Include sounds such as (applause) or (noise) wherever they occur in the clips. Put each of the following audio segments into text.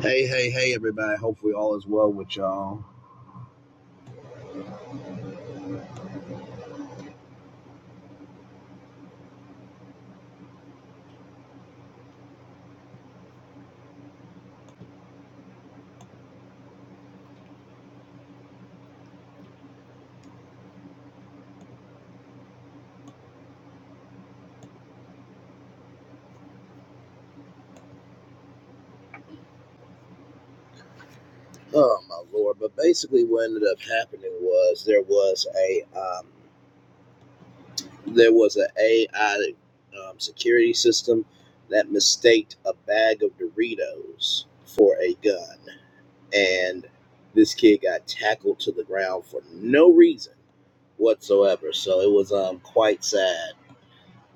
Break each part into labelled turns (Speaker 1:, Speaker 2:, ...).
Speaker 1: Hey, hey, hey, everybody. Hopefully, all is well with y'all. Oh, my lord. But basically, what ended up happening was there was a um, there was an AI um, security system that mistaked a bag of Doritos for a gun, and this kid got tackled to the ground for no reason whatsoever. So it was um quite sad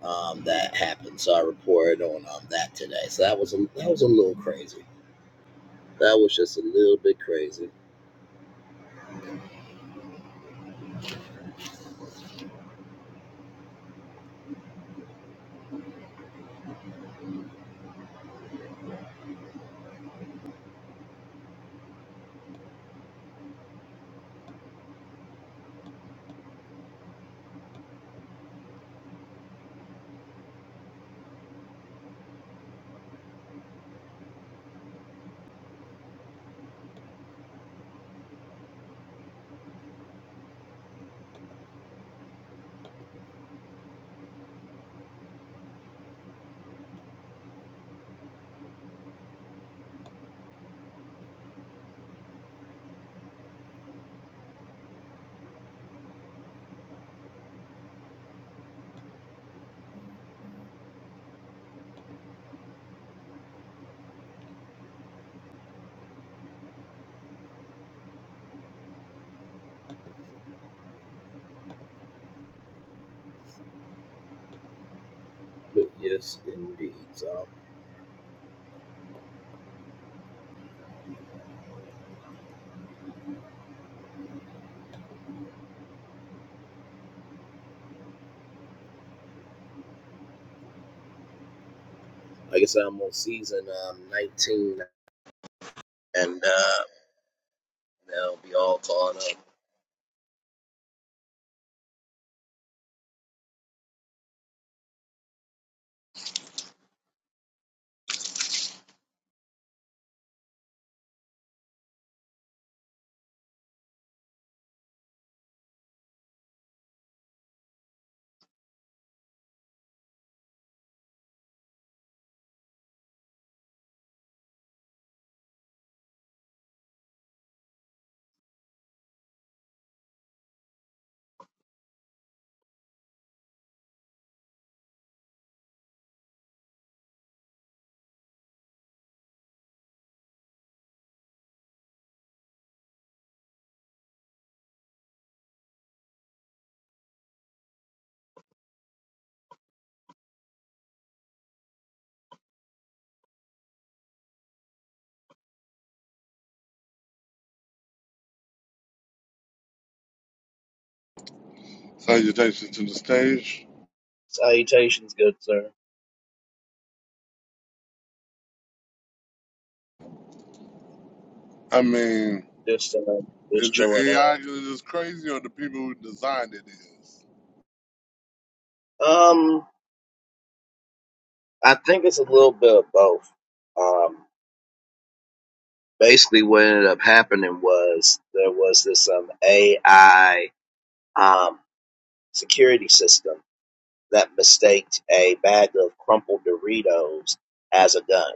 Speaker 1: um that happened. So I reported on um that today. So that was a, that was a little crazy. That was just a little bit crazy. But yes, indeed. So, like I said, I'm on season um, 19, and uh, they'll be all caught up.
Speaker 2: Salutations to the stage.
Speaker 1: Salutations, good sir.
Speaker 2: I mean,
Speaker 1: Just uh, just
Speaker 2: is the
Speaker 1: chilling
Speaker 2: AI just crazy or the people who designed it is?
Speaker 1: out. Um, I think it's a little bit of both. Um, basically, what ended up happening was there was this um AI um security system that mistaked a bag of crumpled Doritos as a gun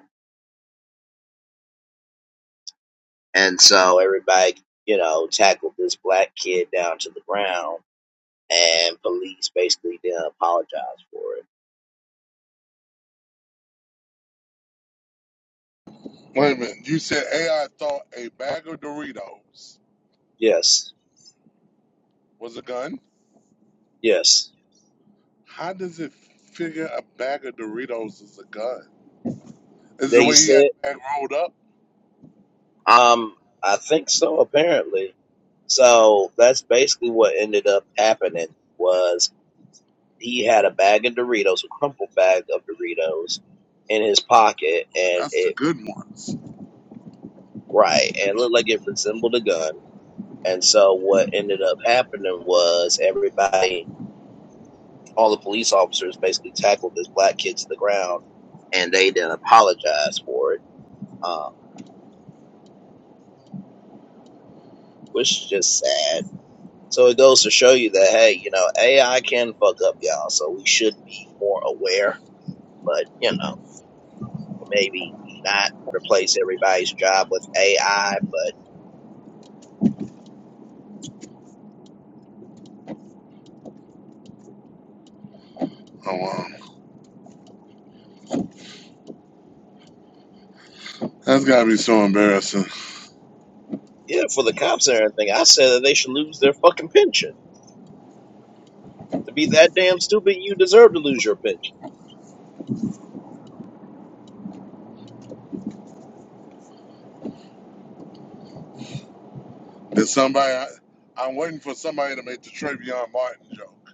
Speaker 1: And so everybody, you know, tackled this black kid down to the ground, and police basically didn't apologize for it.
Speaker 2: Wait a minute. You said AI thought a bag of Doritos
Speaker 1: Yes,
Speaker 2: was a gun?
Speaker 1: yes.
Speaker 2: How does it figure a bag of Doritos is a gun? Is the
Speaker 1: They
Speaker 2: way he had
Speaker 1: said,
Speaker 2: the bag rolled up?
Speaker 1: um, I think so, apparently. So that's basically what ended up happening was he had a bag of Doritos, a crumpled bag of Doritos in his pocket and
Speaker 2: That's the
Speaker 1: it
Speaker 2: good ones.
Speaker 1: right, and it looked like it resembled a gun. And so what ended up happening was everybody all the police officers basically tackled this black kid to the ground, and they didn't apologize for it, um, which is just sad. So it goes to show you that hey, you know, AI can fuck up y'all, so we should be more aware. But you know, maybe not replace everybody's job with AI. But
Speaker 2: Oh, wow. That's got to be so embarrassing.
Speaker 1: yeah, for the cops and everything, I said that they should lose their fucking pension. To be that damn stupid, you deserve to lose your pension.
Speaker 2: Did somebody, I, I'm waiting for somebody to make the Travion Martin joke.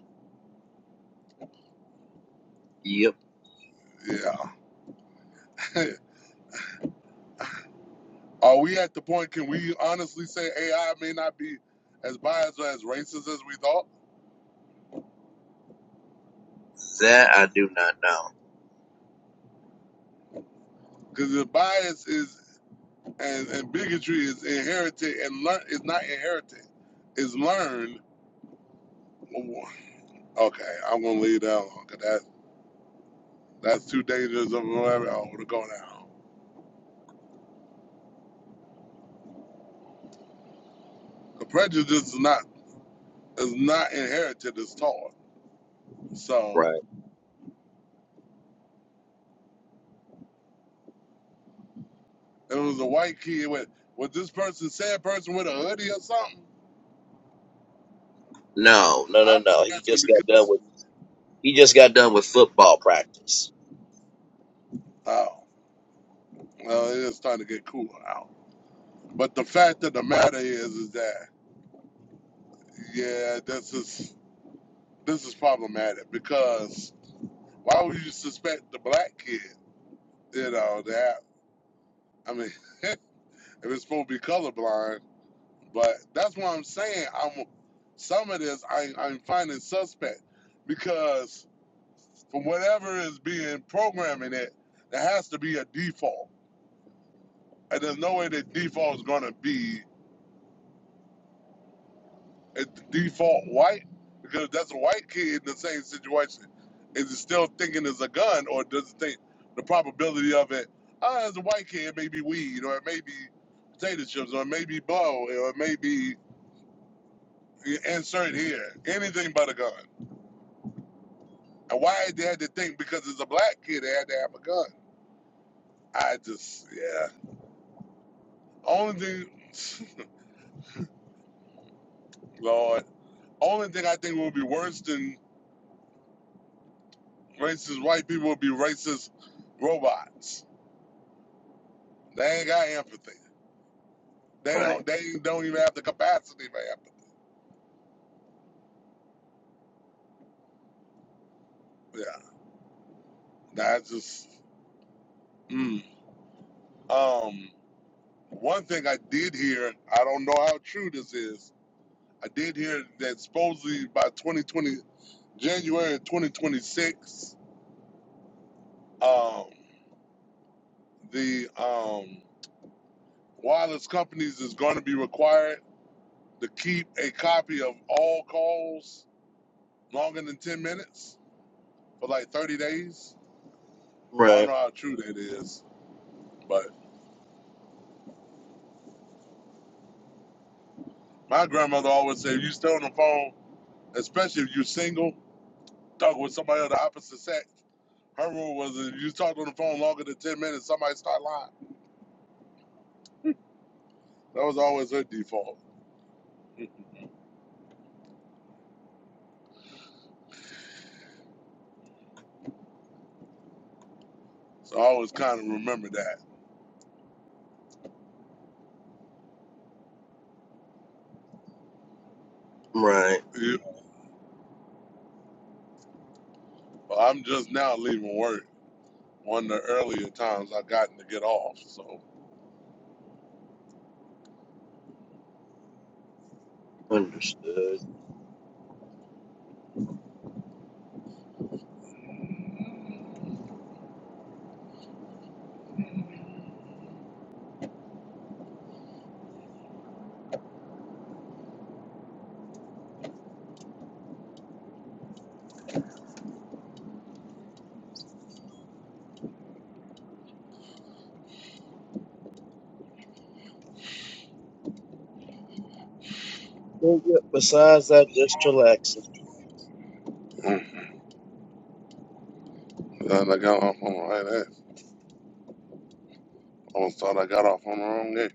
Speaker 1: Yep,
Speaker 2: Yeah. (laughs) Are we at the point? Can we honestly say AI may not be as biased or as racist as we thought?
Speaker 1: that I do not know.
Speaker 2: Because the bias is and, and bigotry is inherited and learn It's not inherited, It's learned. Okay, I'm gonna leave that alone. Cause that that's too dangerous of whatever. I want to go now. The prejudice is not is not inherited. It's taught. So
Speaker 1: Right.
Speaker 2: it was a white kid with with this person said person with a hoodie or something.
Speaker 1: No, no, no,
Speaker 2: I'm just
Speaker 1: no. He
Speaker 2: asking
Speaker 1: just got
Speaker 2: because
Speaker 1: done with. He just got done with football practice.
Speaker 2: oh well, it's starting to get cooler out. But the fact of the matter is, is that yeah, this is this is problematic because why would you suspect the black kid? You know that I mean, (laughs) if it's supposed to be colorblind, but that's why I'm saying I'm some of this I, I'm finding suspect because from whatever is being programming it, there has to be a default, and there's no way the default is going to be It's the default white because that's a white kid in the same situation. Is it still thinking it's a gun or does it think the probability of it? Ah, as a white kid, maybe weed or it may be potato chips or it may be blow or it may be insert here. Anything but a gun. And why they had to think because it's a black kid they had to have a gun. I just yeah. Only thing, (laughs) Lord, only thing I think will be worse than racist white people would be racist robots. They ain't got empathy. They
Speaker 1: Right,
Speaker 2: don't. They don't even have the capacity, man. Yeah, that's just. Mm. Um, one thing I did hear, I don't know how true this is. I did hear that supposedly by 2020, January 2026, um, the um, wireless companies is going to be required to keep a copy of all calls longer than 10 minutes for like 30 days. I don't
Speaker 1: right,
Speaker 2: know how true that is, but my grandmother always said, "You stay on the phone." especially if you're single, talking with somebody of the opposite sex. Her rule was if you talked on the phone longer than 10 minutes, somebody start lying. That was always her default. (laughs) So I always kind of remember that.
Speaker 1: right.
Speaker 2: You- I'm just now leaving work. One of the earlier times I gotten to get off. So
Speaker 1: Understood. Well, yeah, Besides that, just chillaxing.
Speaker 2: (laughs) Mm, I got off on the right ass. I almost thought I got off on the wrong day.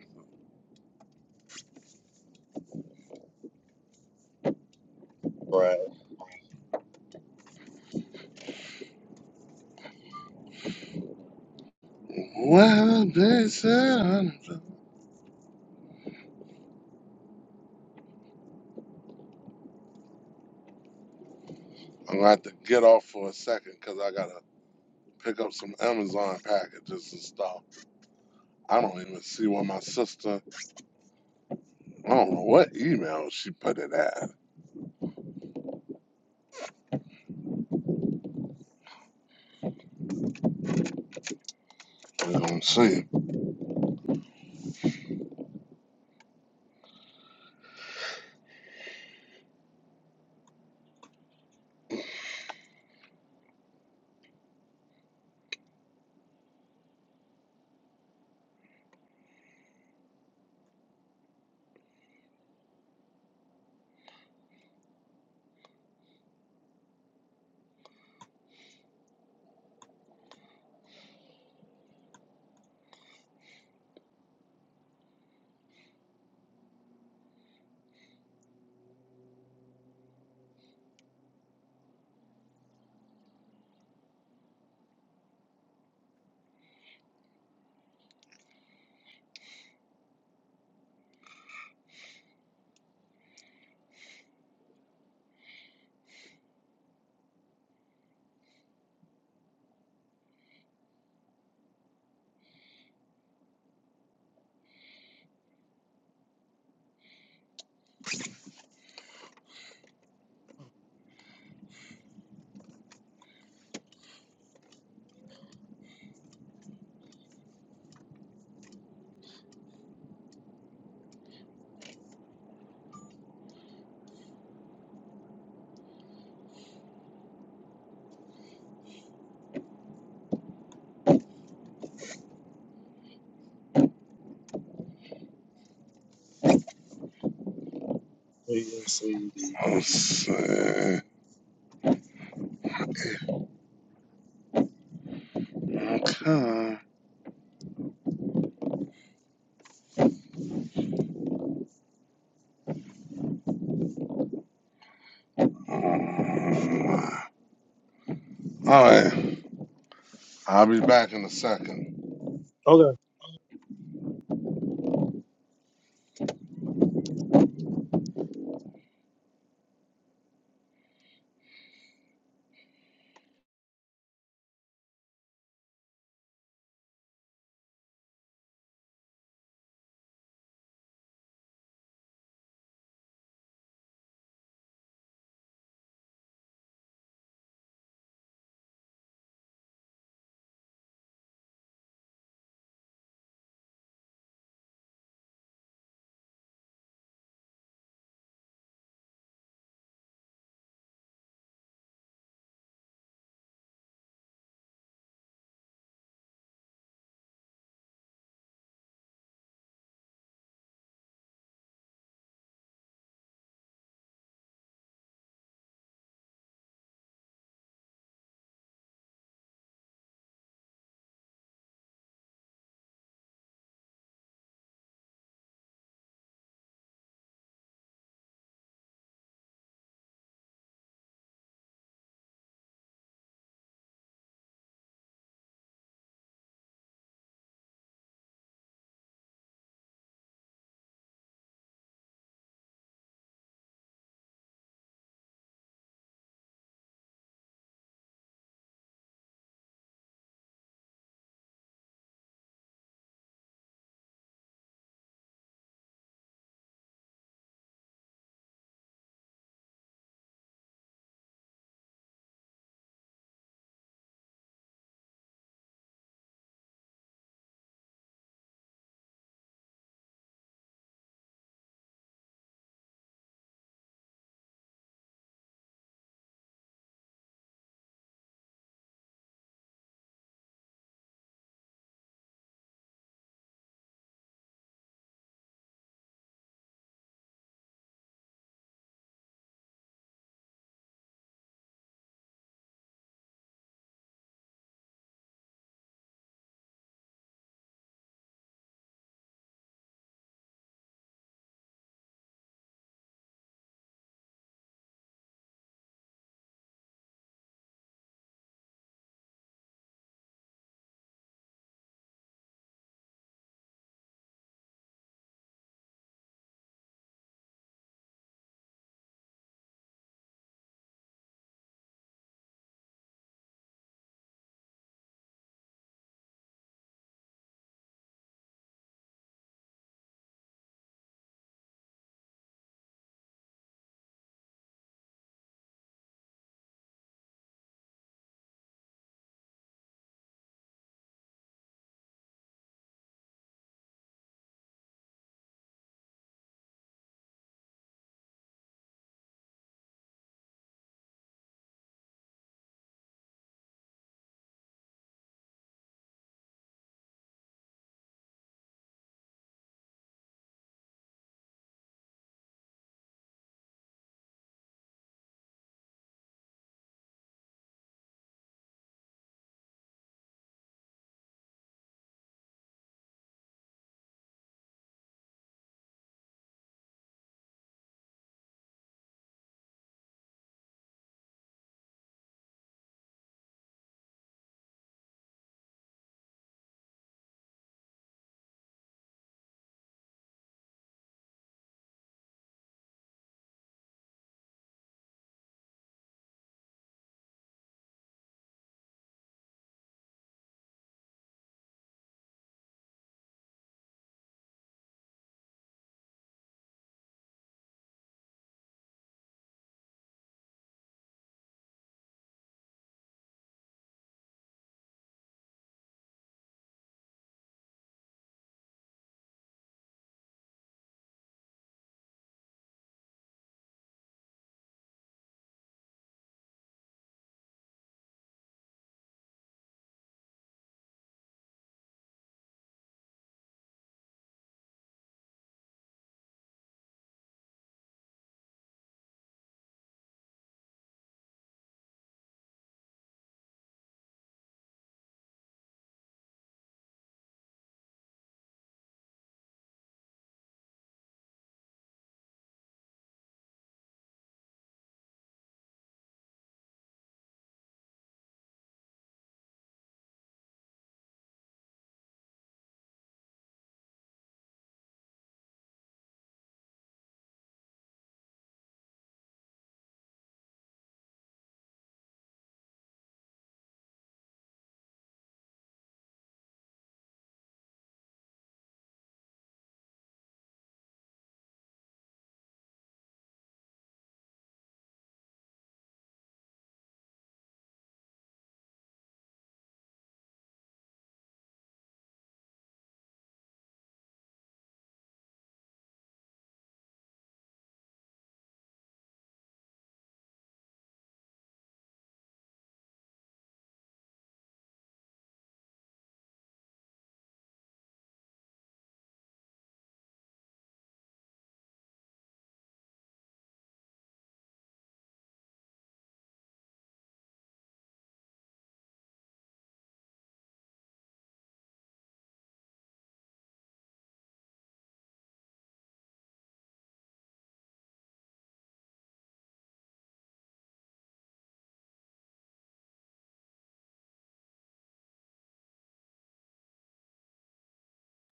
Speaker 1: Right.
Speaker 2: Well, they said I'm going to have to get off for a second because I got to pick up some Amazon packages and stuff. I don't even see what my sister I don't know what email she put it at. You know what I'm saying?
Speaker 1: Yes, indeed.
Speaker 2: Let's see. Okay. All right. I'll be back in a second.
Speaker 1: Okay.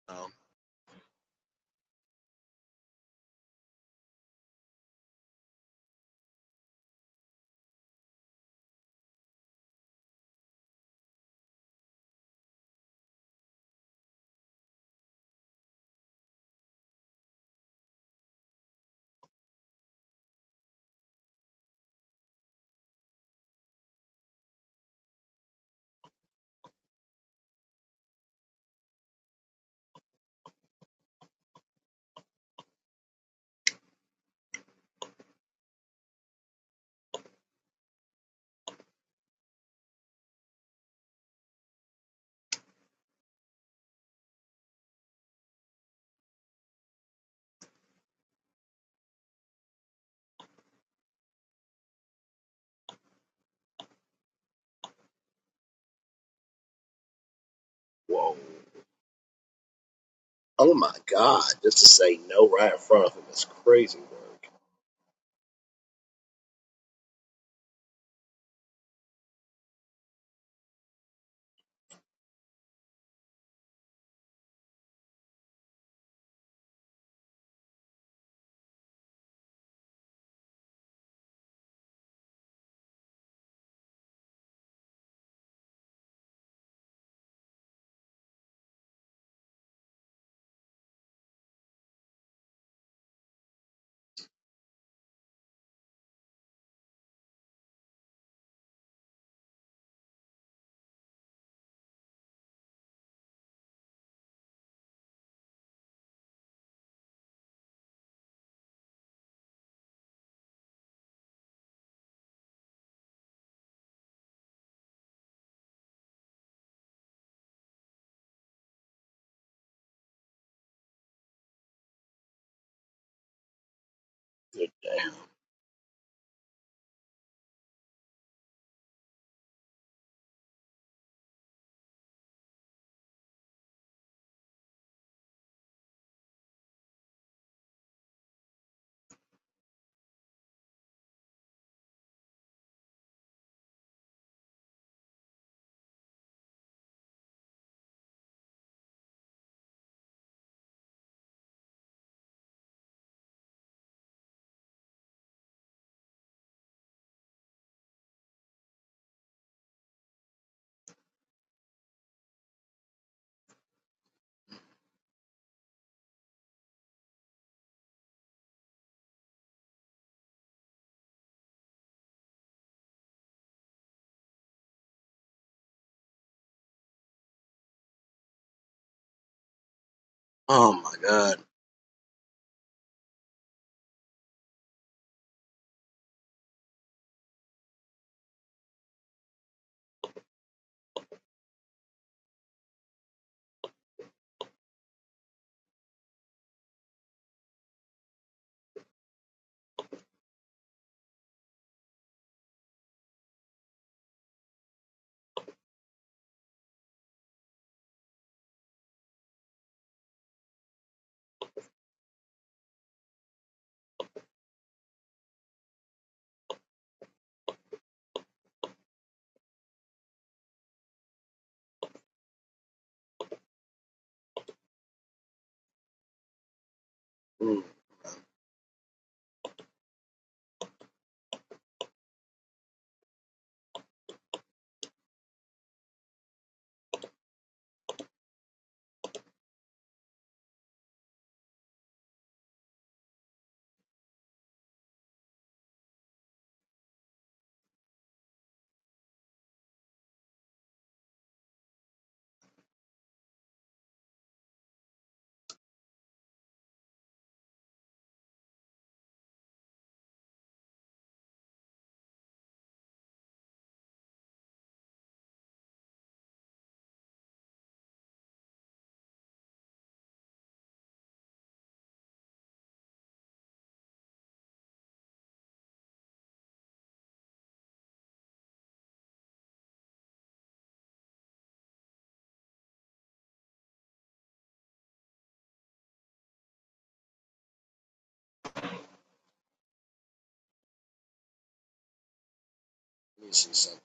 Speaker 1: Um, whoa. Oh my God! Just to say no right in front of him is crazy work. Good damn. Oh my God. Mm, let me see something.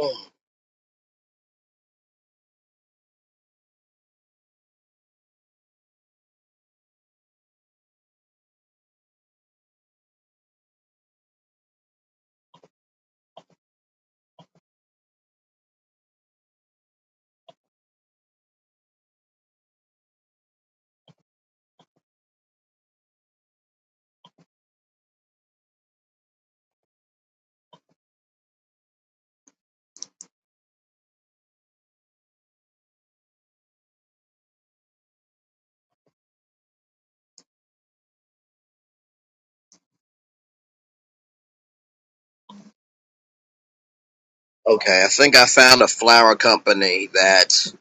Speaker 1: Mm. Okay, I think I found a flower company that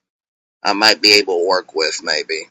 Speaker 1: I might be able to work with, maybe.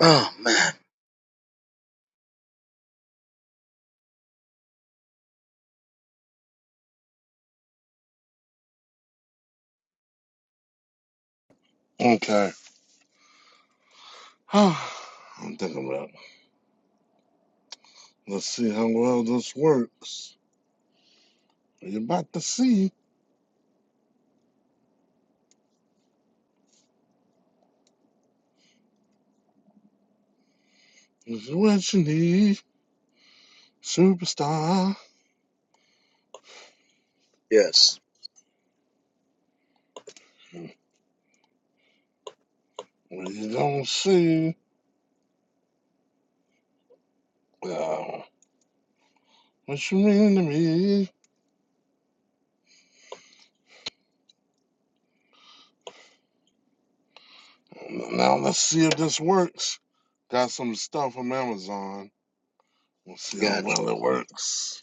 Speaker 1: Oh man.
Speaker 2: Okay. (sighs) I'm thinking about it. Let's see how well this works. You're about to see this is what you need, superstar.
Speaker 1: Yes.
Speaker 2: What you don't see, uh, what you mean to me. Now let's see if this works. Got some stuff from Amazon. We'll see how
Speaker 1: Gotcha.
Speaker 2: well it works.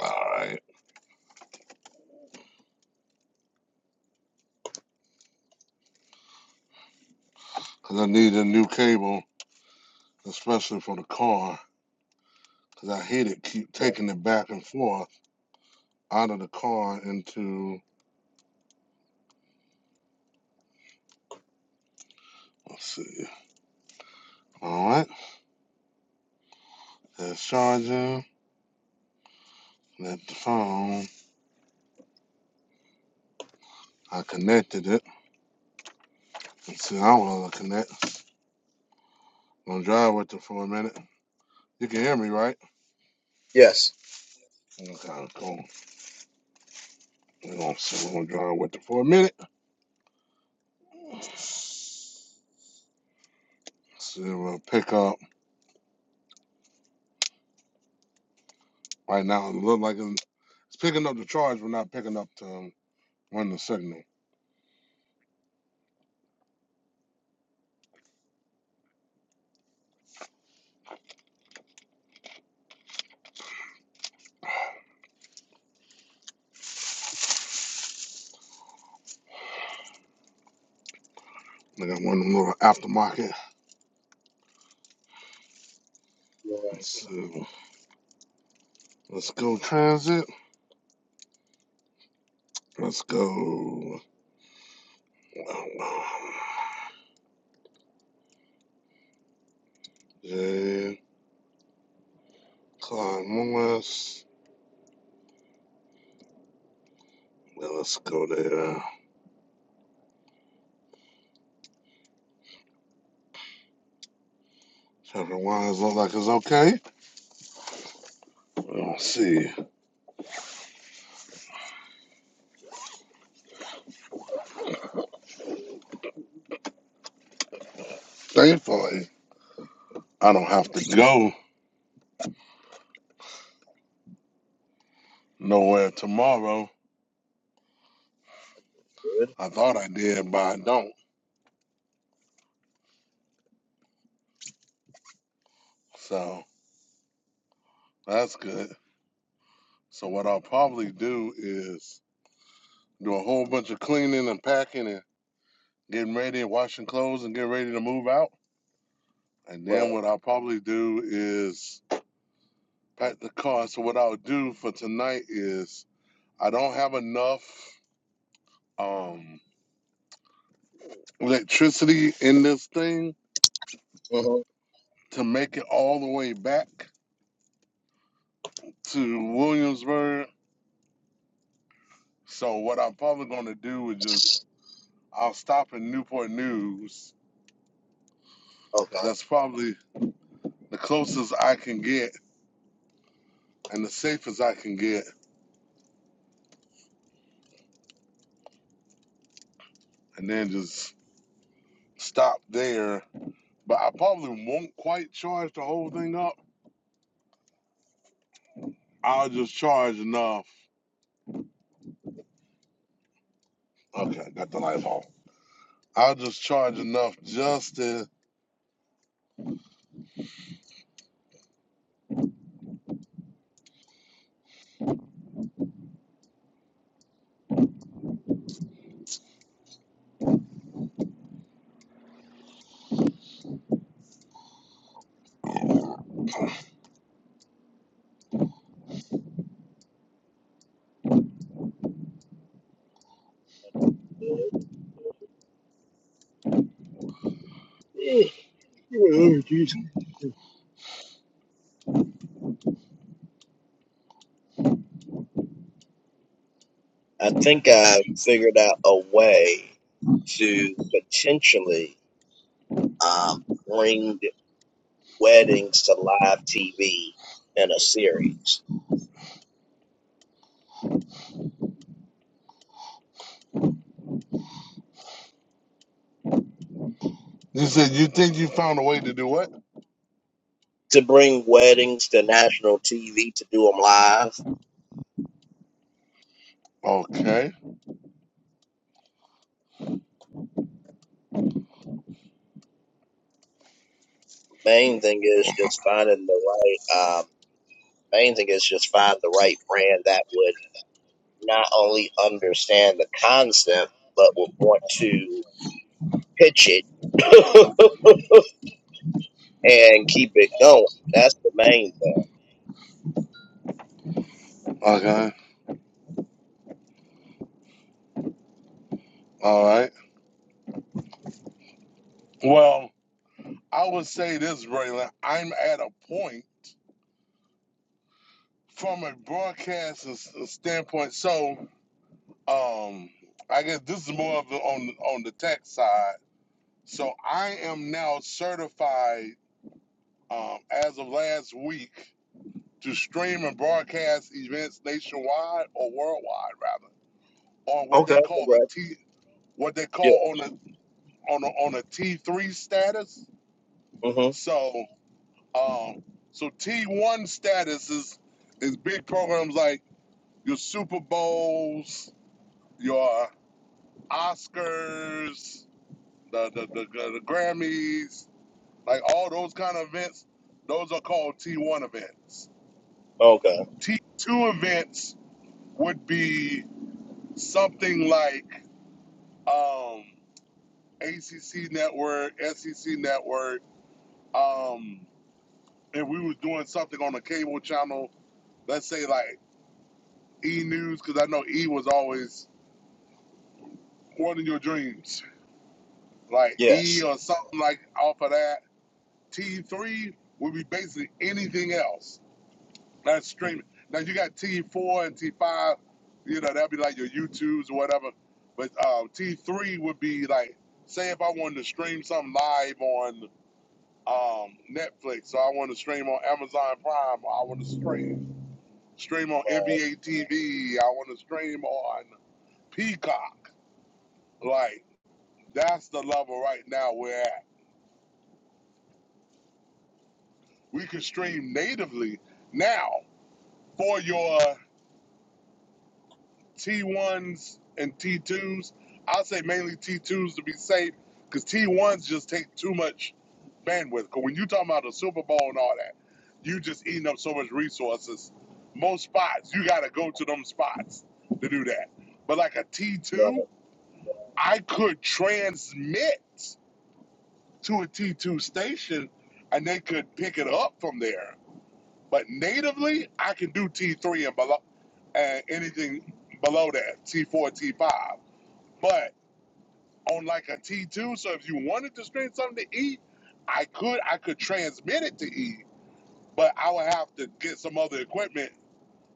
Speaker 2: All right. Because I need a new cable, especially for the car. Because I hate it keep taking it back and forth out of the car into. Let's see. All right. There's charging. That's the phone. I connected it. Let's see how well I connect. I'm going to drive with it for a minute. You can hear me, right?
Speaker 1: Yes.
Speaker 2: Okay, cool. We're going to drive with it for a minute. Let's See if it'll pick up. Right now, it look like it It's picking up the charge, but not picking up the um, run the signal. I got one little aftermarket.
Speaker 1: Right.
Speaker 2: So let's go transit. Let's go. (sighs) J. Clyde Morris. Yeah, let's go there. Trevor Wines look like it's okay. Let's see. Thankfully, I don't have to go nowhere tomorrow.
Speaker 1: Good.
Speaker 2: I thought I did, but I don't. So that's good. So what I'll probably do is do a whole bunch of cleaning and packing and getting ready and washing clothes and getting ready to move out. And
Speaker 1: Right.
Speaker 2: then what I'll probably do is pack the car. So what I'll do for tonight is I don't have enough um, electricity in this thing
Speaker 1: Mhm.
Speaker 2: to make it all the way back to Williamsburg. So what I'm probably going to do is just I'll stop in Newport News.
Speaker 1: Oh God.
Speaker 2: That's probably the closest I can get and the safest I can get, and then just stop there, but I probably won't quite charge the whole thing up. I'll just charge enough. Okay, got the lights off. I'll just charge enough just to.
Speaker 1: Oh, Jesus. I think I figured out a way to potentially um, bring weddings to live TV in a series.
Speaker 2: You said you think you found a way to do what?
Speaker 1: To bring weddings to national TV to do them live.
Speaker 2: Okay,
Speaker 1: Main thing is just finding the right. Um, main thing is just find the right brand that would not only understand the concept but would want to pitch it (laughs) and keep it going. That's the main thing.
Speaker 2: okay, all right. Well, I would say this, Braylon. I'm at a point from a broadcast s- uh, standpoint. So, um, I guess this is more of the, on on the tech side. So I am now certified um, as of last week to stream and broadcast events nationwide or worldwide rather on what
Speaker 1: Okay.
Speaker 2: they
Speaker 1: Well,
Speaker 2: call a
Speaker 1: congrats.
Speaker 2: T what they
Speaker 1: Yeah.
Speaker 2: call on a on a, on a T three status.
Speaker 1: hmm
Speaker 2: So um, so T one status is is big programs like your Super Bowls, your Oscars, the the, the, the Grammys, like all those kind of events. Those are called T one events.
Speaker 1: Okay.
Speaker 2: T two events would be something like um, ACC network, SEC network. Um, if we was doing something on a cable channel, let's say like E News, because I know E was always more than your dreams, like E
Speaker 1: Yes.
Speaker 2: or something like off of that. T three would be basically anything else. That's streaming. Now you got T4 and T5, you know, that'd be like your YouTubes or whatever. But um, T3 would be like, say if I wanted to stream something live on um, Netflix, so I want to stream on Amazon Prime, or I want to stream stream on NBA TV, I want to stream on Peacock. Like that's the level right now we're at. We can stream natively now for your T1s and T2s. I'll say mainly T2s to be safe because T1s just take too much bandwidth. Because when you talk about the Super Bowl and all that, you just eating up so much resources. Most spots, you got to go to them spots to do that. But like a
Speaker 1: Right. Right.
Speaker 2: T2, I could transmit to a T2 station and they could pick it up from there. But natively, I can do T3 and below, and anything below that, T4, T5. But on like a T two, so if you wanted to stream something to Eve, I could I could transmit it to Eve, but I would have to get some other equipment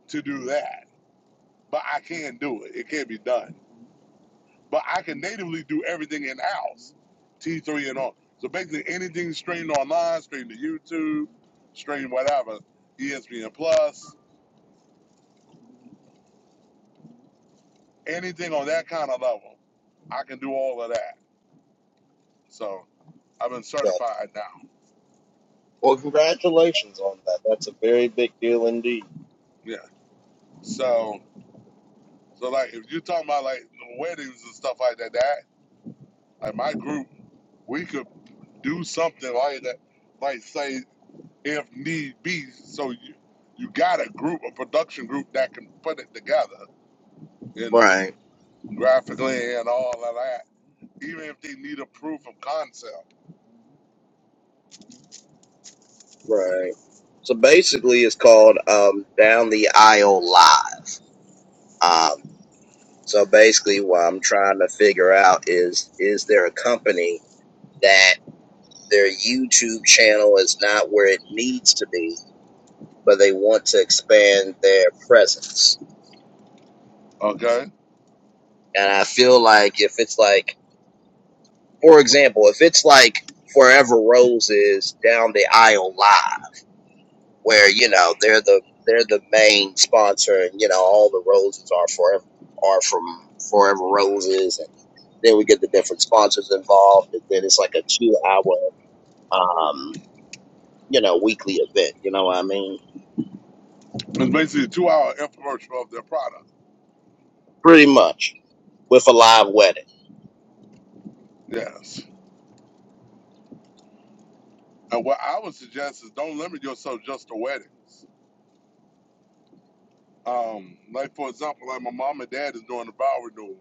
Speaker 2: to do that. But I can do it. It can be done. But I can natively do everything in house, T three and all. So basically anything streamed online, streamed to YouTube, stream whatever, ESPN Plus, anything on that kind of level, I can do all of that. So I've been
Speaker 1: Gotcha.
Speaker 2: certified now.
Speaker 1: Well, congratulations on that. That's a very big deal indeed.
Speaker 2: Yeah. So. So like if you're talking about like weddings and stuff like that, that like my group, we could do something like that, like say if need be, so you you got a group, a production group that can put it together, you know,
Speaker 1: Right.
Speaker 2: graphically and all of that. Even if they need a proof of concept,
Speaker 1: Right. So basically, it's called um, Down the Aisle Live. Um, so basically, what I'm trying to figure out is is there a company that their YouTube channel is not where it needs to be, but they want to expand their presence?
Speaker 2: okay,
Speaker 1: And I feel like if it's like, for example, if it's like Forever Roses down the aisle live, where you know they're the they're the main sponsor, and you know all the roses are forever are from Forever Roses, and then we get the different sponsors involved, and then it's like a two hour, um, you know, weekly event. You know what I mean?
Speaker 2: it's basically a two-hour infomercial of their product.
Speaker 1: Pretty much with a live wedding,
Speaker 2: Yes, and what I would suggest is don't limit yourself just to weddings. Um, like for example, like my mom and dad is doing the vow renewal.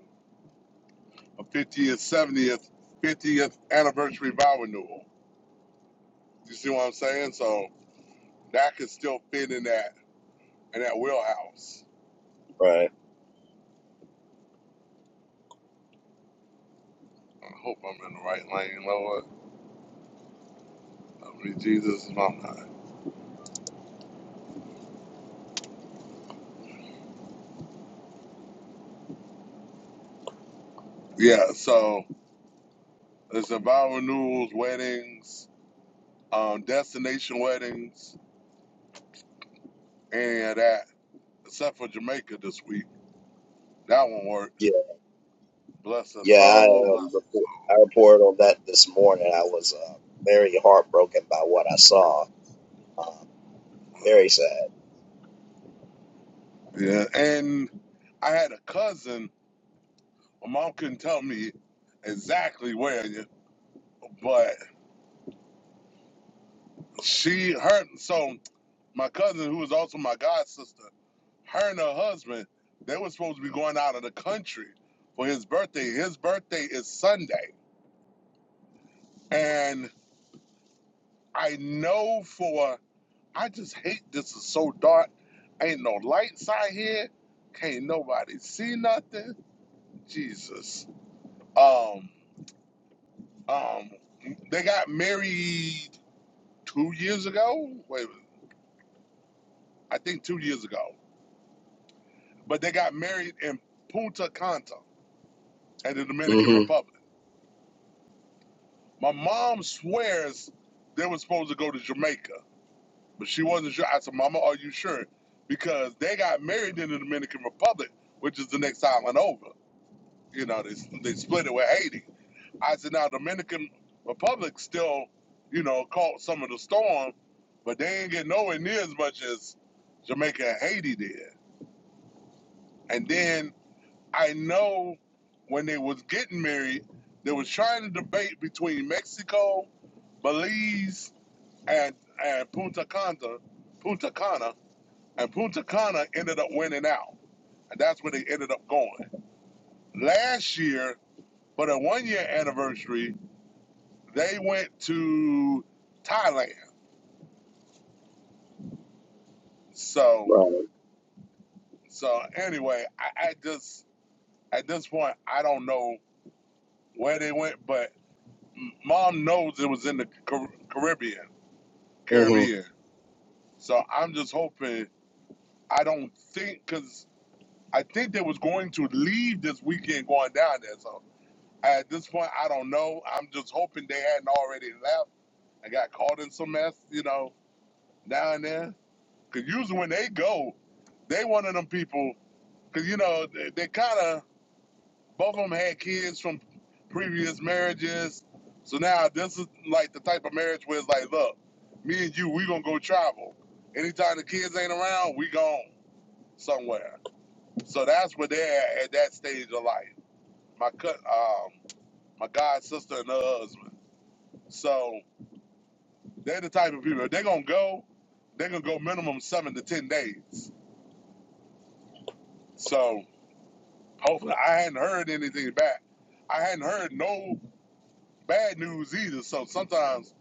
Speaker 2: a 50th, 70th, 50th anniversary vow renewal. You see what I'm saying? So that could still fit in that in that wheelhouse.
Speaker 1: right?
Speaker 2: I hope I'm in the right lane, Lord. I mean, Jesus, if I'm not. Yeah, so there's a vow renewals, weddings, um, destination weddings, any of that, except for Jamaica this week. That won't work. Bless her
Speaker 1: Yeah, I,
Speaker 2: soul.
Speaker 1: um,
Speaker 2: Bless
Speaker 1: report, I reported on that this morning. I was uh, very heartbroken by what I saw. Uh, very sad.
Speaker 2: her. Yeah, and I had a cousin. My mom couldn't tell me exactly where, but she her so my cousin who was also my god sister her and her husband they were supposed to be going out of the country for his birthday his birthday is sunday and i know for i just hate this is so dark ain't no lights out here can't nobody see nothing jesus um um they got married two years ago wait i think two years ago but they got married in punta cana and the Dominican
Speaker 1: hmm
Speaker 2: Republic. My mom swears they were supposed to go to Jamaica, but she wasn't sure. I said, Mama, are you sure? Because they got married in the Dominican Republic, which is the next island over. You know, they, they split it with Haiti. I said, now Dominican Republic still, you know, caught some of the storm, but they ain't get nowhere near as much as Jamaica and Haiti did. And then I know when they was getting married, they was trying to debate between Mexico, Belize, and and Punta Cana, Punta Cana, and Punta Cana ended up winning out, and that's where they ended up going last year. For the one year anniversary, they went to Thailand. So
Speaker 1: Right.
Speaker 2: so anyway, I, I just at this point I don't know where they went, but mom knows it was in the Car- Caribbean
Speaker 1: hmm
Speaker 2: Caribbean. So I'm just hoping. I don't think because I think they was going to leave this weekend going down there. So at this point, I don't know. I'm just hoping they hadn't already left. and got caught in some mess, you know, down there. Because usually when they go, they one of them people. Because you know they, they kind of both of them had kids from previous marriages. So now this is like the type of marriage where it's like, look, me and you, we gonna go travel. Anytime the kids ain't around, we gone. somewhere. So that's where they're at, at that stage of life. My cut, um, my god sister and her husband. So they're the type of people. If they're gonna go. They're gonna go minimum seven to ten days. So hopefully, I hadn't heard anything back. I hadn't heard no bad news either. So sometimes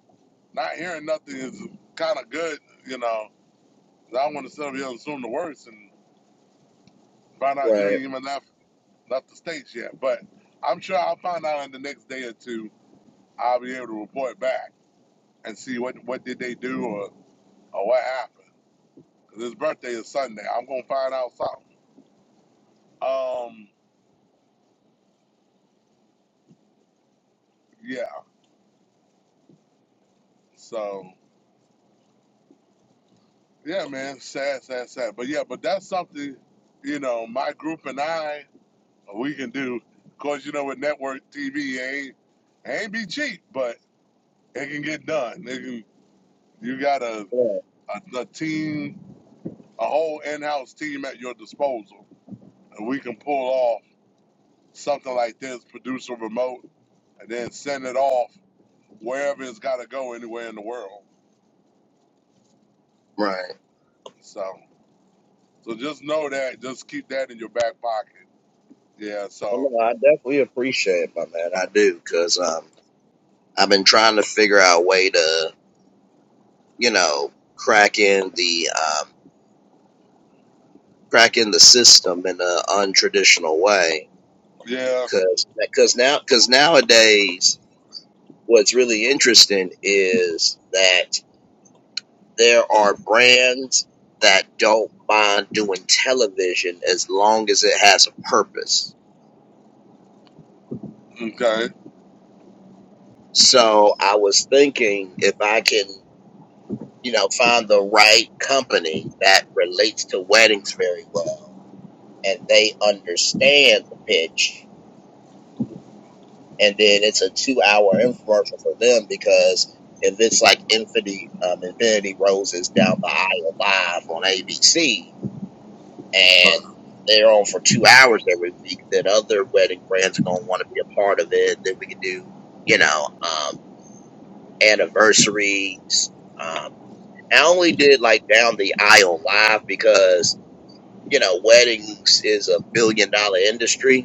Speaker 2: not hearing nothing is kind of good, you know. 'cause I don't want to sit up here and assume the worst and find out you ain't
Speaker 1: Right.
Speaker 2: even left left the states yet. But I'm sure I'll find out in the next day or two I'll be able to report back and see what what did they do or, or what happened. 'Cause his birthday is Sunday. I'm gonna find out something. Um, yeah. So yeah, man. Sad, sad, sad. But yeah, but that's something you know my group and I we can do. Of course, you know with network TV it ain't it ain't be cheap, but it can get done. It can, you got a,
Speaker 1: Right.
Speaker 2: a a team, a whole in-house team at your disposal, and we can pull off something like this, produce a remote and then send it off wherever it's got to go anywhere in the world.
Speaker 1: Right.
Speaker 2: So, so just know that. Just keep that in your back pocket. Yeah.
Speaker 1: Well,
Speaker 2: So,
Speaker 1: no, I definitely appreciate it, my man. I do because um, I've been trying to figure out a way to, you know, crack in the um, crack in the system in an untraditional way.
Speaker 2: yeah.
Speaker 1: Because because now because nowadays, what's really interesting is that. there are brands that don't mind doing television as long as it has a purpose.
Speaker 2: Okay.
Speaker 1: So I was thinking if I can, you know, find the right company that relates to weddings very well and they understand the pitch and then it's a two hour infomercial for them because if it's like Infinity um, Infinity Roses down the aisle live on ABC,
Speaker 2: All
Speaker 1: and they're on for two hours every week, then other wedding brands are going to want to be a part of it. Then we could do, you know, um, anniversaries. Um, I only did like down the aisle live because, you know, weddings is a billion dollar industry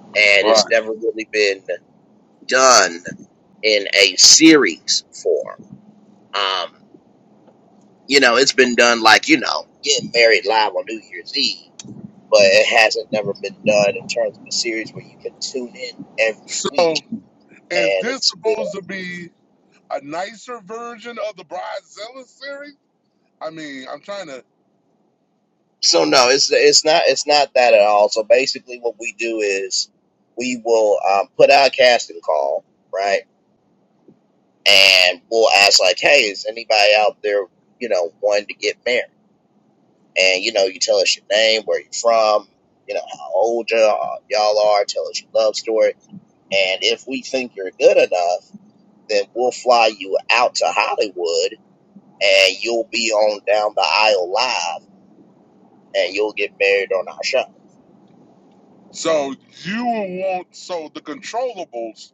Speaker 1: and it's
Speaker 2: right.
Speaker 1: never really been done in a series form. Um, you know, it's been done like, you know, getting married live on New Year's Eve but it hasn't never been done in terms of a series where you can tune in every week
Speaker 2: So, is
Speaker 1: and
Speaker 2: this
Speaker 1: it's you know
Speaker 2: supposed to be a nicer version of the Bridezilla series? I mean, I'm trying to.
Speaker 1: so no it's it's not it's not that at all so basically what we do is we will um, put out a casting call right and we'll ask like hey is anybody out there you know wanting to get married and you know you tell us your name where you're from you know how old y'all y'all are tell us your love story and if we think you're good enough then we'll fly you out to hollywood and you'll be on down the aisle live and you'll get married on our show.
Speaker 2: So you would want so the controllables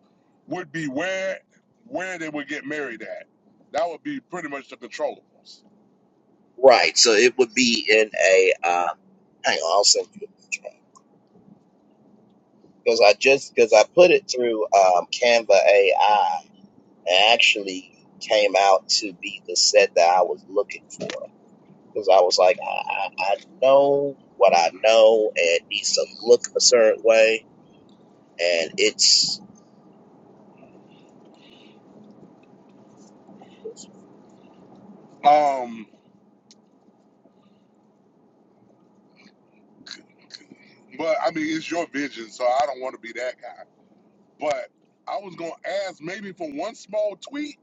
Speaker 2: would be where where they would get married at. That would be pretty much the controllables.
Speaker 1: Right. So it would be in a um hang on, I'll send you a picture. Because I just because I put it through um Canva AI and actually came out to be the set that I was looking for. Because I was like, I, I, I know what I know and it needs to look a certain way and it's
Speaker 2: Um. But I mean, it's your vision, so I don't want to be that guy. But I was gonna ask maybe for one small tweak,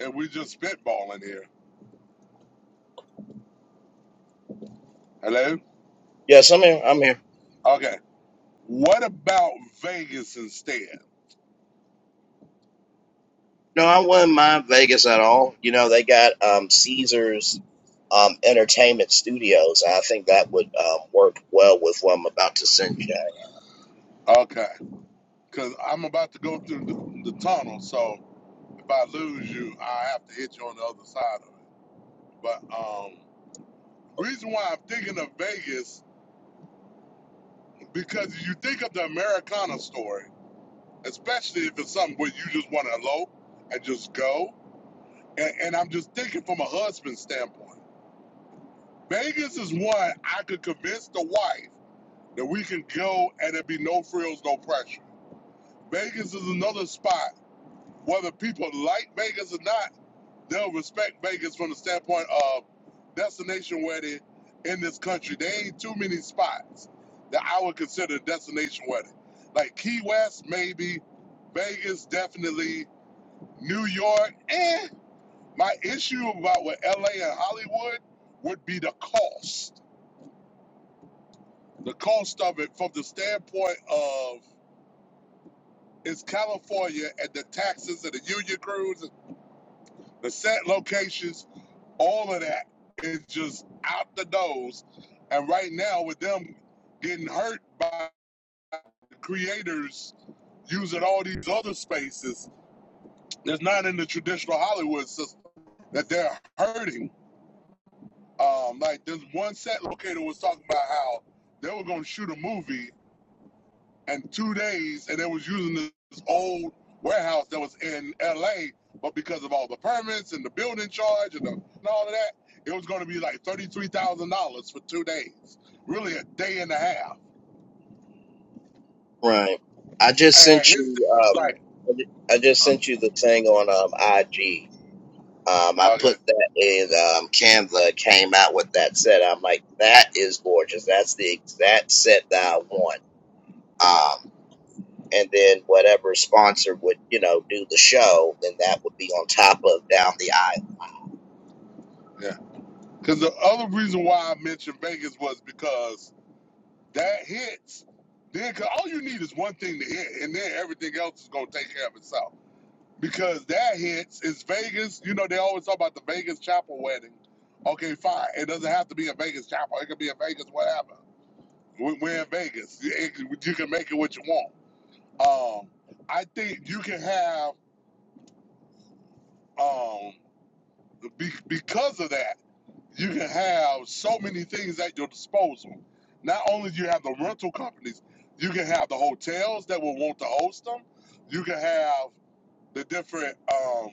Speaker 2: and we just spitballing here. Hello.
Speaker 1: Yes, I'm here. I'm here.
Speaker 2: Okay. What about Vegas instead?
Speaker 1: No, I wouldn't mind Vegas at all. You know, they got um, Caesars um, Entertainment Studios. I think that would um, work well with what I'm about to send you.
Speaker 2: Okay, because I'm about to go through the, the tunnel, so if I lose you, I have to hit you on the other side of it. But um, reason why I'm thinking of Vegas because you think of the Americana story, especially if it's something where you just want to elope and just go. and, and I'm just thinking from a husband's standpoint. Vegas is one I could convince the wife that we can go and it would be no frills, no pressure. Vegas is another spot. Whether people like Vegas or not, they'll respect Vegas from the standpoint of destination wedding in this country. There ain't too many spots that I would consider a destination wedding. Like Key West, maybe. Vegas, definitely. New York, eh. My issue about with LA and Hollywood would be the cost. The cost of it from the standpoint of it's California and the taxes and the union crews, the set locations, all of that is just out the nose. And right now with them getting hurt by the creators using all these other spaces that's not in the traditional Hollywood system that they're hurting. Um, like this one set locator was talking about how they were going to shoot a movie in two days, and they was using this old warehouse that was in L.A. But because of all the permits and the building charge and, the, and all of that, it was going to be like thirty-three thousand dollars for two days, really a day and a half.
Speaker 1: Right. I just
Speaker 2: And
Speaker 1: sent
Speaker 2: his
Speaker 1: you.
Speaker 2: thing was
Speaker 1: Um,
Speaker 2: like,
Speaker 1: I ju- I just sent
Speaker 2: uh,
Speaker 1: you the thing on um, IG. Um, I
Speaker 2: okay,
Speaker 1: put that in um, Canva. Came out with that set. I'm like, that is gorgeous. That's the exact set that I want. Um, and then whatever sponsor would you know do the show, then that would be on top of down the aisle.
Speaker 2: yeah. Because the other reason why I mentioned Vegas was because That hits. Then, cause all you need is one thing to hit, and then everything else is gonna take care of itself. Because that hits is Vegas. You know, they always talk about the Vegas chapel wedding. Okay, fine. It doesn't have to be a Vegas chapel. It could be a Vegas whatever. We- We're in Vegas. It- it- you can make it what you want. Um, I think you can have um, be, because of that. you can have so many things at your disposal. Not only do you have the rental companies, you can have the hotels that will want to host them. You can have the different um,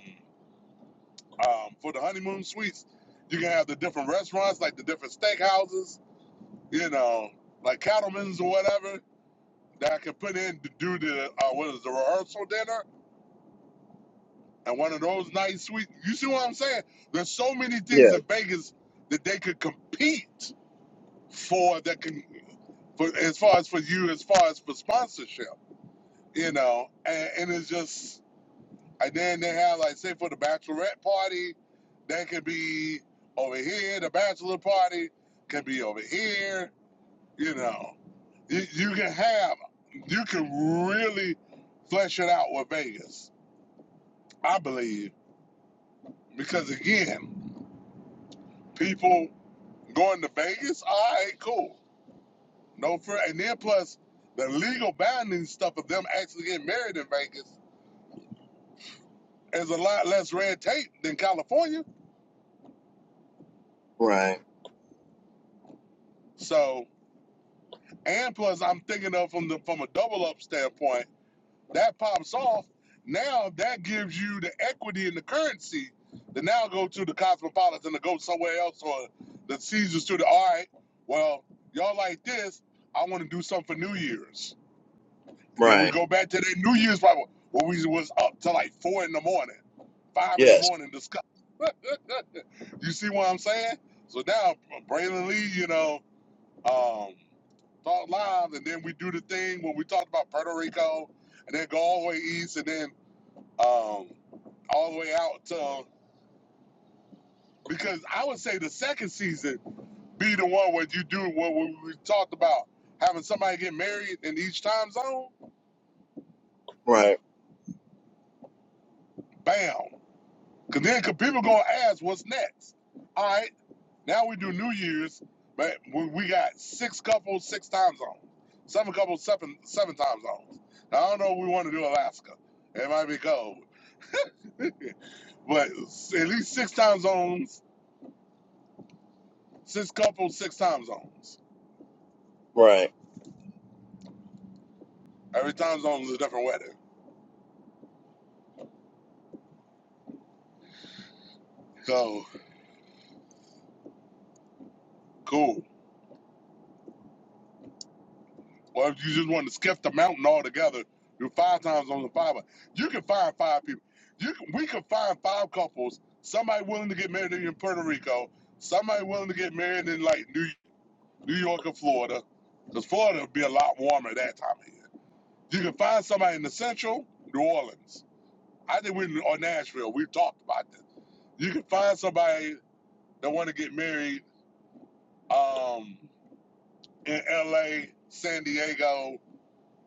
Speaker 2: um, for the honeymoon suites. You can have the different restaurants, like the different steakhouses, you know, like Cattlemen's or whatever that I can put in to do the uh, what is the rehearsal dinner and one of those nice suites. You see what I'm saying? There's so many things in Vegas that they could compete for that can for as far as for you, as far as for sponsorship, you know, and, and it's just, and then they have like say for the bachelorette party, that could be over here. The bachelor party can be over here. You know, you, you can have, you can really flesh it out with Vegas, I believe, because again, people going to Vegas, all right, cool, no, fr- and then plus the legal binding stuff of them actually getting married in Vegas Is a lot less red tape than California.
Speaker 1: Right,
Speaker 2: So, and plus, I'm thinking of from the from a double up standpoint. That pops off. Now that gives you the equity in the currency to now go to the Cosmopolitan to go somewhere else or the Caesars to the all right. Well, y'all like this. I want to do something for New Year's, and then we
Speaker 1: right.
Speaker 2: go back to that New Year's probably where we was up to like four in the morning, five in the
Speaker 1: Yes,
Speaker 2: morning. Discuss. You see what I'm saying? So now Braylon Lee, you know. Um, talk live, and then we do the thing when we talked about Puerto Rico, and then go all the way east, and then um, all the way out to because I would say the second season be the one where you do what we we talked about having somebody get married in each time zone.
Speaker 1: right,
Speaker 2: Bam, because then 'cause people gonna ask what's next. All right, now we do New Year's, but we, we got six couples, six time zones, seven couples, seven seven time zones. Now, I don't know. if We want to do Alaska. It might be cold. But at least six time zones, six couples, six time zones.
Speaker 1: right.
Speaker 2: Every time zone is a different wedding. So cool. Or if you just want to skip the mountain altogether, do five time zones the five. You can find five people. You can, we can find five couples. Somebody willing to get married in Puerto Rico. Somebody willing to get married in like New New York or Florida, because Florida would be a lot warmer at that time of year. You can find somebody in the Central New Orleans. I think we or Nashville. We've talked about this. You can find somebody that want to get married um, in L.A., San Diego,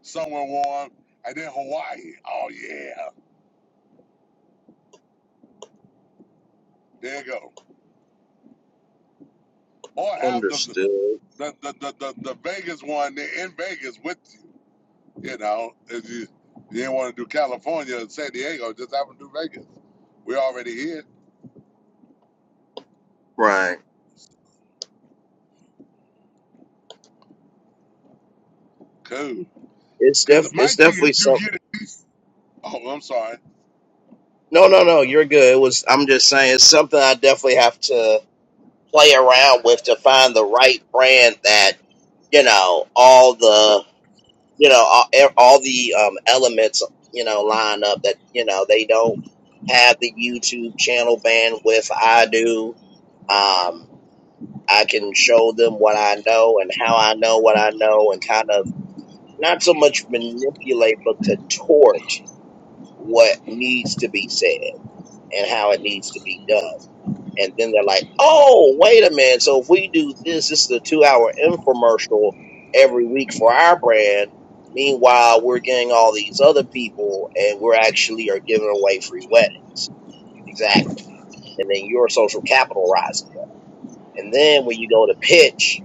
Speaker 2: somewhere warm, and then Hawaii. Oh yeah, there you go. Or have the
Speaker 1: Understood.
Speaker 2: the the the, the, the Vegas one they're in Vegas with you. You know, if you you didn't want to do California and San Diego, just have them do Vegas. We are already here.
Speaker 1: Right.
Speaker 2: Cool.
Speaker 1: It's
Speaker 2: Cause
Speaker 1: def
Speaker 2: my
Speaker 1: it's
Speaker 2: thing is,
Speaker 1: definitely
Speaker 2: you
Speaker 1: some
Speaker 2: get it. Oh, I'm sorry.
Speaker 1: no no no, you're good. It was I'm just saying it's something I definitely have to play around with to find the right brand that, you know, all
Speaker 2: Well,
Speaker 1: the you know, all, e- all the um elements, you know, line up that, you know, they don't have the YouTube channel bandwidth I do. Um I can show them what I know and how I know what I know and kind of not so much manipulate but contort what needs to be said and how it needs to be done. And then they're like, oh, wait a minute. So if we do this, this is a two hour infomercial every week for our brand. Meanwhile, we're getting all these other people and we're actually are giving away free weddings. Exactly. And then your social capital rises up. And then when you go to pitch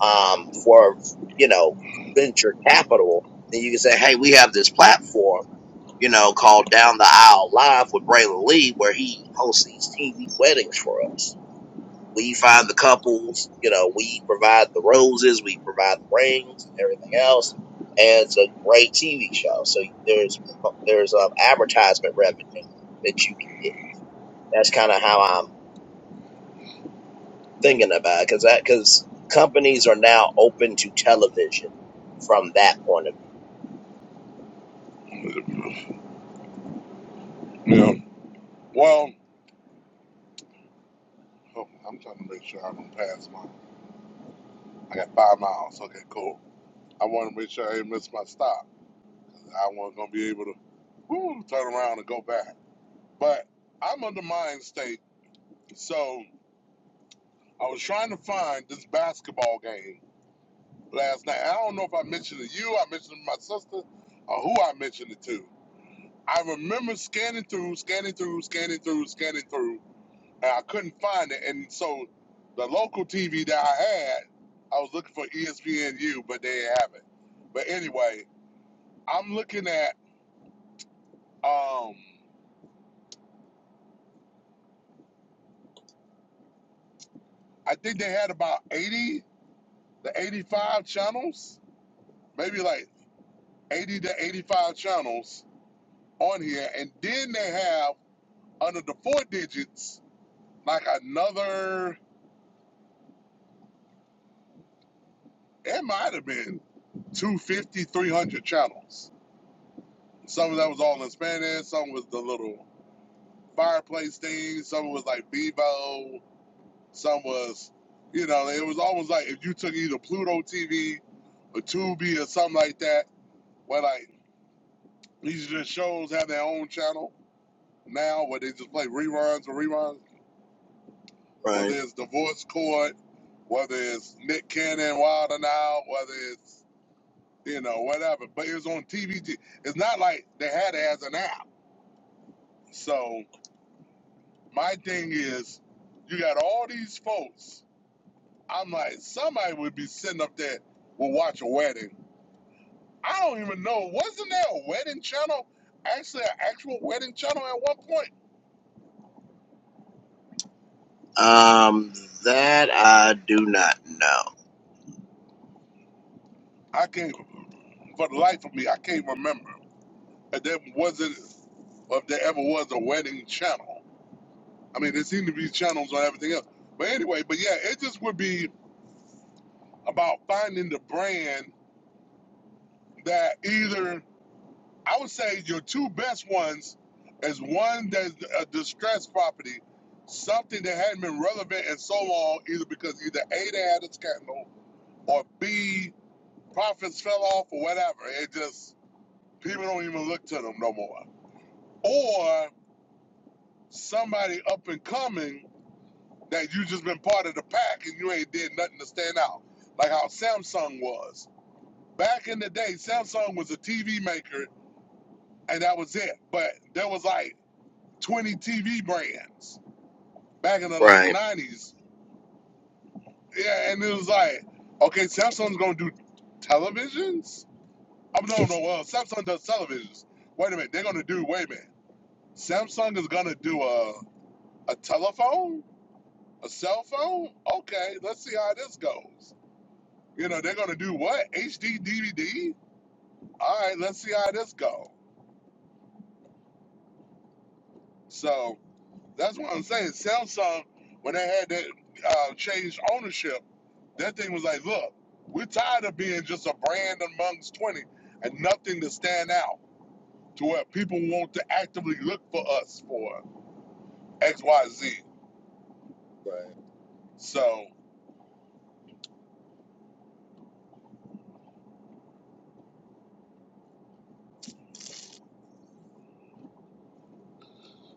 Speaker 1: um, for, you know, venture capital, then you can say, hey, we have this platform you know, called Down the Aisle Live with Braylon Lee, where he hosts these TV weddings for us. We find the couples, you know, we provide the roses, we provide the rings and everything else. And it's a great TV show. So there's there's um, advertisement revenue that you can get. That's kind of how I'm thinking about it, because that because companies are now open to television from that point
Speaker 2: Yeah. Well, oh, I'm trying to make sure I don't pass my. I got five miles. Okay, cool. I want to make sure I ain't miss my stop. I want to be able to woo, turn around and go back. But I'm under mind state, so I was trying to find this basketball game last night. I don't know if I mentioned it to you, I mentioned it to my sister, or who I mentioned it to. I remember scanning through, scanning through, scanning through, scanning through, and I couldn't find it. And so the local TV that I had, I was looking for ESPNU, but they didn't have it. But anyway, I'm looking at. um, I think they had about 80 to 85 channels, maybe like 80 to 85 channels on here. And then they have under the four digits, like another, it might have been two fifty, three hundred channels. Some of that was all in Spanish, some was the little fireplace thing, some was like Bevo, some was, you know, it was almost like if you took either Pluto TV or Tubi or something like that. where like These just shows have their own channel now where they just play reruns or reruns,
Speaker 1: of
Speaker 2: whether
Speaker 1: view.
Speaker 2: it's Divorce Court, whether it's Nick Cannon, Wilder Now, whether it's, you know, whatever. But it was on TVG. It's not like they had it as an app. So my thing is, you got all these folks. I'm like, somebody would be sitting up there will watch a wedding. I don't even know. Wasn't there a wedding channel? Actually, an actual wedding channel at one point?
Speaker 1: Right. Um, that I do not know.
Speaker 2: I can't, for the life of me, I can't remember And then was it if there ever was a wedding channel? I mean, there seem to be channels on everything else. But anyway, but yeah, it just would be about finding the brand that either I would say your two best ones is one that's a distressed property, something that hadn't been relevant in so long, either because either A they had a scandal or B profits fell off or whatever. It just people don't even look to them no more. Or somebody up and coming That you just been part of the pack and you ain't did nothing to stand out. Like how Samsung was. Back in the day, Samsung was a TV maker and that was it. But there was like 20 TV brands back in the late
Speaker 1: Right.
Speaker 2: 90s. Yeah, and it was like, okay, Samsung's gonna do televisions? I am no, no, well, Samsung does televisions. Wait a minute, they're gonna do, wait a minute. Samsung is gonna do a, a telephone? A cell phone? Okay, let's see how this goes. You know, they're going to do what? HD DVD? All right, let's see how this go. So that's what I'm saying. Samsung, when they had that uh, changed ownership, that thing was like, look, we're tired of being just a brand amongst 20 and nothing to stand out to where people want to actively look for us for XYZ.
Speaker 1: Right.
Speaker 2: So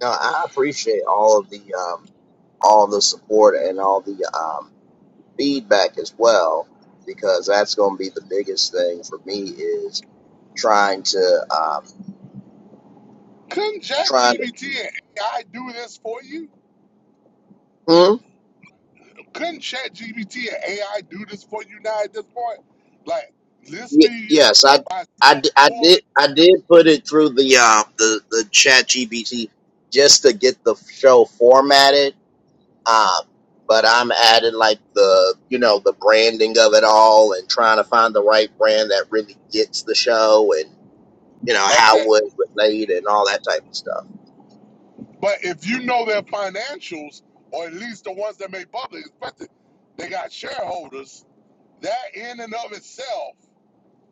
Speaker 1: No, I appreciate all of the um, all the support and all the um, feedback as well, because that's going to be the biggest thing for me is trying to um,
Speaker 2: couldn't
Speaker 1: trying to.
Speaker 2: ChatGPT and AI do this for you?
Speaker 1: Hmm?
Speaker 2: Couldn't ChatGPT and AI do this for you now at this point? Like, let's
Speaker 1: Y-
Speaker 2: be
Speaker 1: yes, I,
Speaker 2: by
Speaker 1: I d- I
Speaker 2: quarter.
Speaker 1: did I did put it through the um the the chat GBT just to get the show formatted. Um, but I'm adding like the you know the branding of it all and trying to find the right brand that really gets the show you know how
Speaker 2: Okay,
Speaker 1: would it relate and all that type of stuff.
Speaker 2: but if you know their financials, or at least the ones that made public, especially they got shareholders. That in and of itself,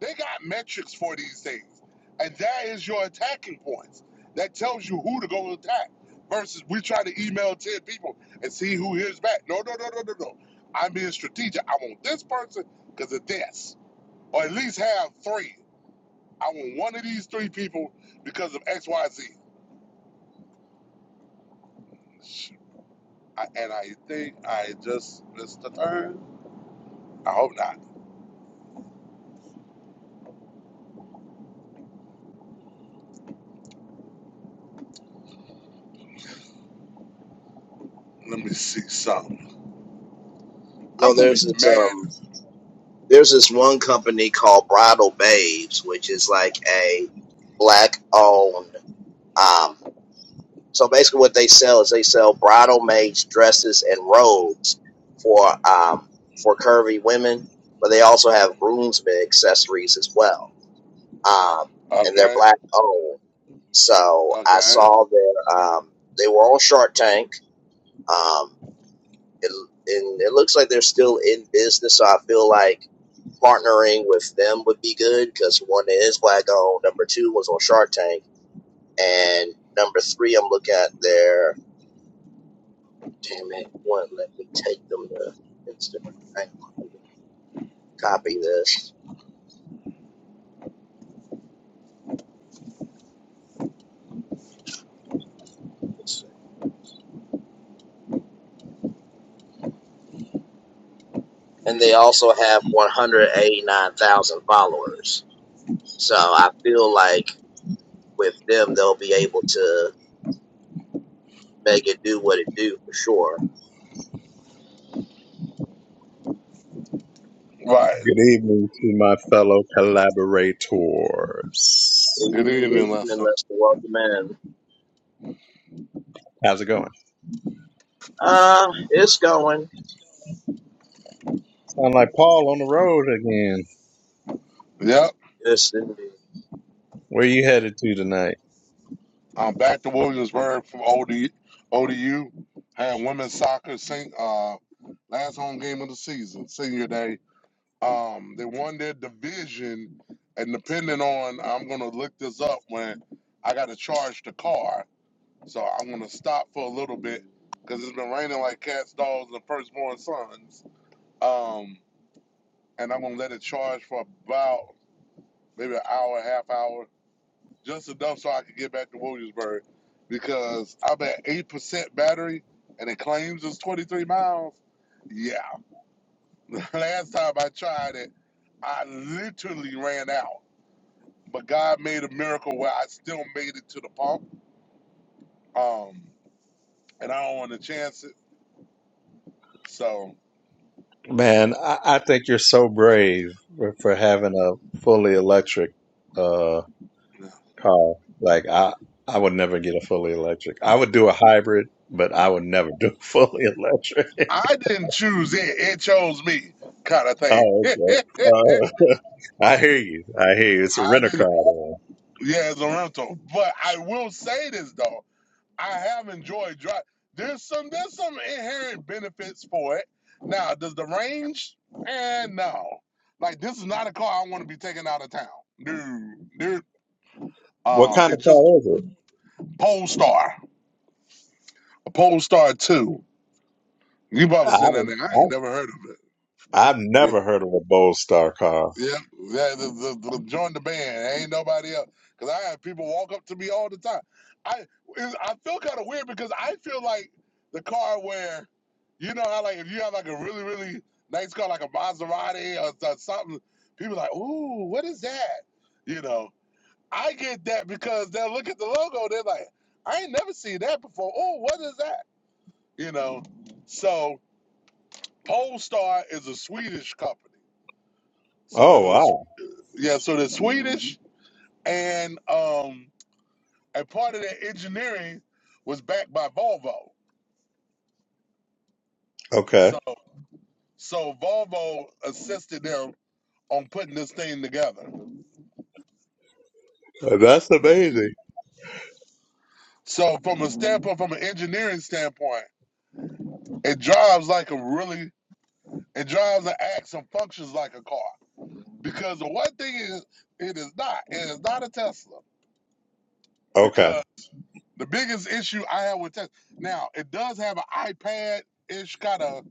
Speaker 2: they got metrics for these things, and that is your attacking points. That tells you who to go attack. Versus we try to email ten people and see who hears back. No, no, no, no, no, no. I'm being strategic. I want this person because of this, or at least have three. I want one of these three people because of X, Y, Z. I, and I think I just missed the turn. I hope not. Let me see something.
Speaker 1: No,
Speaker 2: I'm gonna be
Speaker 1: there's this
Speaker 2: mad.
Speaker 1: um there's this one company called Bridal Babes, which is like a black owned um so basically what they sell is they sell bridal maids dresses and robes for um for curvy women, but they also have groomsmen accessories as well. Um and they're
Speaker 2: Okay.
Speaker 1: black owned. So I
Speaker 2: Okay.
Speaker 1: saw their um they were on Shark Tank. Um It, and it looks like they're still in business, so I feel like partnering with them would be good because one is black owned, number two was on Shark Tank, and number three I'm looking at their damn it, one let me take them to Instagram. Hang on, let me copy this. And they also have 189,000 followers, so I feel like with them they'll be able to make it do what it do for sure.
Speaker 2: Right.
Speaker 3: Good evening to my fellow collaborators.
Speaker 1: Good
Speaker 2: Good
Speaker 1: evening, good
Speaker 2: evening,
Speaker 1: evening,
Speaker 2: Lester.
Speaker 1: Lester. Welcome in.
Speaker 3: How's it going?
Speaker 1: Uh, it's going.
Speaker 3: Sound like Paul on the road again.
Speaker 2: Yep.
Speaker 1: Yes, indeed.
Speaker 3: Where you headed to tonight?
Speaker 2: I'm back to Williamsburg from OD, ODU. Had women's soccer sing, uh, last home game of the season, senior day. Um, they won their division, and depending on, I'm gonna look this up when I got to charge the car So I'm gonna stop for a little bit because it's been raining like cats, dogs, and firstborn sons. Um, and I'm gonna let it charge for about maybe an hour, half hour, just enough so I can get back to Williamsburg because I'm at eight percent battery and it claims it's 23 miles. Yeah, (laughs) last time I tried it, I literally ran out. But God made a miracle where I still made it to the pump. Um, and I don't want to chance it, so.
Speaker 3: Man, I, I think you're so brave for, for having a fully electric uh, car. Like I, I would never get a fully electric. I would do a hybrid, but I would never do (laughs) fully electric.
Speaker 2: I didn't choose it. It chose me, kind of thing. (laughs)
Speaker 3: Oh,
Speaker 2: I
Speaker 3: okay. Uh, (laughs) I hear you. I hear you. It's a rental car.
Speaker 2: didn't.
Speaker 3: then.
Speaker 2: Yeah, it's a rental. But I will say this though, I have enjoyed drive. There's some there's some inherent benefits for it. Now, does the range? And no, like this is not a car I want to be taking out of town. Dude, dude.
Speaker 3: What
Speaker 2: Um,
Speaker 3: kind of
Speaker 2: it's
Speaker 3: car
Speaker 2: just
Speaker 3: is it?
Speaker 2: Polestar, a Polestar two. You probably
Speaker 3: I
Speaker 2: seen that name. I ain't
Speaker 3: don't.
Speaker 2: never heard of it.
Speaker 3: I've
Speaker 2: Yeah.
Speaker 3: never heard of a Bold Star car.
Speaker 2: Yeah, yeah the, the, the, join the band. Ain't nobody else. Because I have people walk up to me all the time. I it- I feel kind of weird because I feel like the car where, you know how, like, if you have, like, a really, really nice car, like a Maserati or, or something, people like, ooh, what is that? You know, I get that because they'll look at the logo. They're like, I ain't never seen that before. Oh, what is that? You know, so Polestar is a Swedish company. So
Speaker 3: Oh
Speaker 2: there's a,
Speaker 3: wow.
Speaker 2: yeah, so the Swedish and um, a part of that engineering was backed by Volvo.
Speaker 3: Okay.
Speaker 2: So so Volvo assisted them on putting this thing together.
Speaker 3: That's amazing.
Speaker 2: So from a standpoint, from an engineering standpoint, it drives like a really it drives and acts and functions like a car. Because the one thing is it is not. It is not a Tesla.
Speaker 3: Okay.
Speaker 2: Because the biggest issue I have with Tesla now, it does have an iPad ish kind of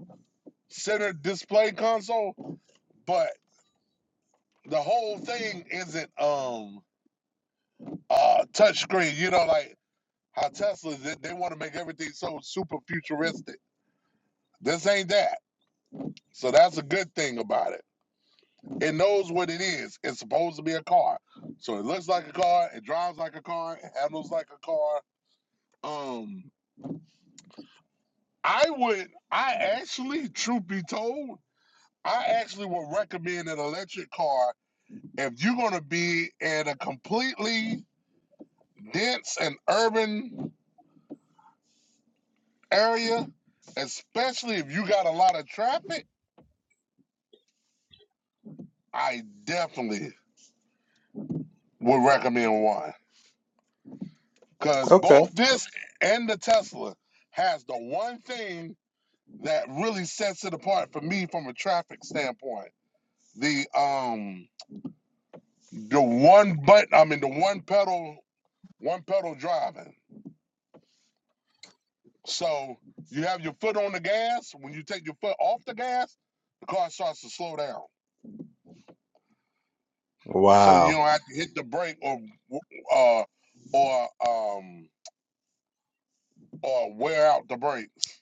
Speaker 2: center display console, but the whole thing isn't um uh touch screen. You know, like how Tesla they, they want to make everything so super futuristic. This ain't that. So that's a good thing about it. It knows what it is. It's supposed to be a car. So it looks like a car, it drives like a car, it handles like a car. Um I would I actually, truth be told, I actually would recommend an electric car if you're gonna be in a completely dense and urban area, especially if you got a lot of traffic, I definitely would recommend one. Because
Speaker 3: Okay.
Speaker 2: both this and the Tesla has the one thing that really sets it apart for me from a traffic standpoint. The um the one button, I mean the one pedal, one pedal driving. So you have your foot on the gas. When you take your foot off the gas, the car starts to slow down. so you
Speaker 3: Wow.
Speaker 2: don't have to hit the brake or uh or um or wear out the brakes.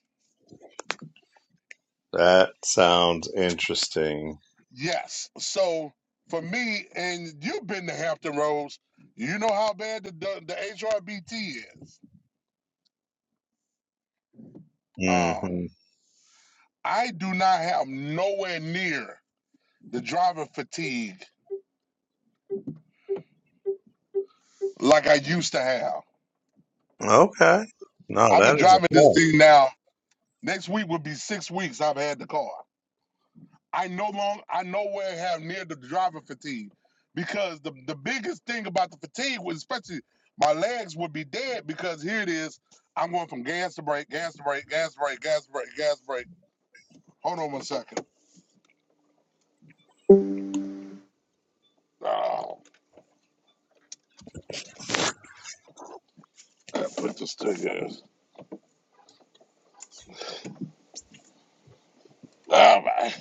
Speaker 3: That sounds interesting.
Speaker 2: Yes. So for me, and you've been to Hampton Roads, you know how bad the the, the HRBT is.
Speaker 3: hmm
Speaker 2: Um, I do not have nowhere near the driver fatigue like I used to have.
Speaker 3: Okay. No,
Speaker 2: I've been
Speaker 3: that is a
Speaker 2: driving this
Speaker 3: plan.
Speaker 2: thing now. Next week will be six weeks I've had the car. I no long I nowhere have near the driver fatigue because the the biggest thing about the fatigue was especially my legs would be dead because here it is I'm going from gas to brake, gas to brake, gas to brake, gas to brake, gas to brake. Hold on one second. Oh, I put this to in Oh my.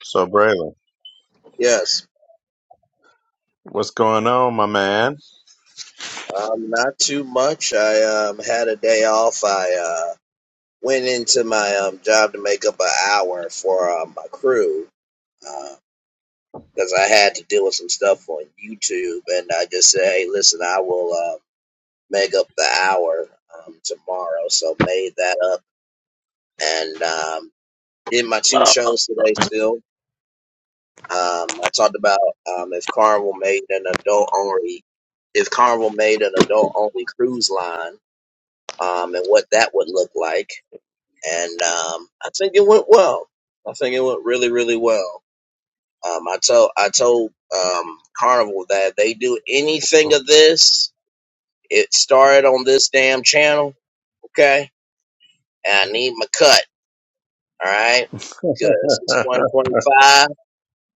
Speaker 3: So Braylon,
Speaker 1: Yes.
Speaker 3: what's going on, my man?
Speaker 1: Um, not too much. I um had a day off. I uh went into my um job to make up an hour for um, my crew uh because I had to deal with some stuff on YouTube, and I just said, "Hey, listen, I will uh, make up the hour um, tomorrow." So made that up and um did my two
Speaker 2: Oh,
Speaker 1: shows today still. Um, I talked about um, if Carnival made an adult only, if Carnival made an adult only cruise line, um, and what that would look like. And um, I think it went well. I think it went really, really well. Um, I told I told um, Carnival that if they do anything
Speaker 2: (laughs)
Speaker 1: of this, it started on this damn channel, okay? And I need my cut, all right?
Speaker 3: (laughs)
Speaker 1: Because it's 2025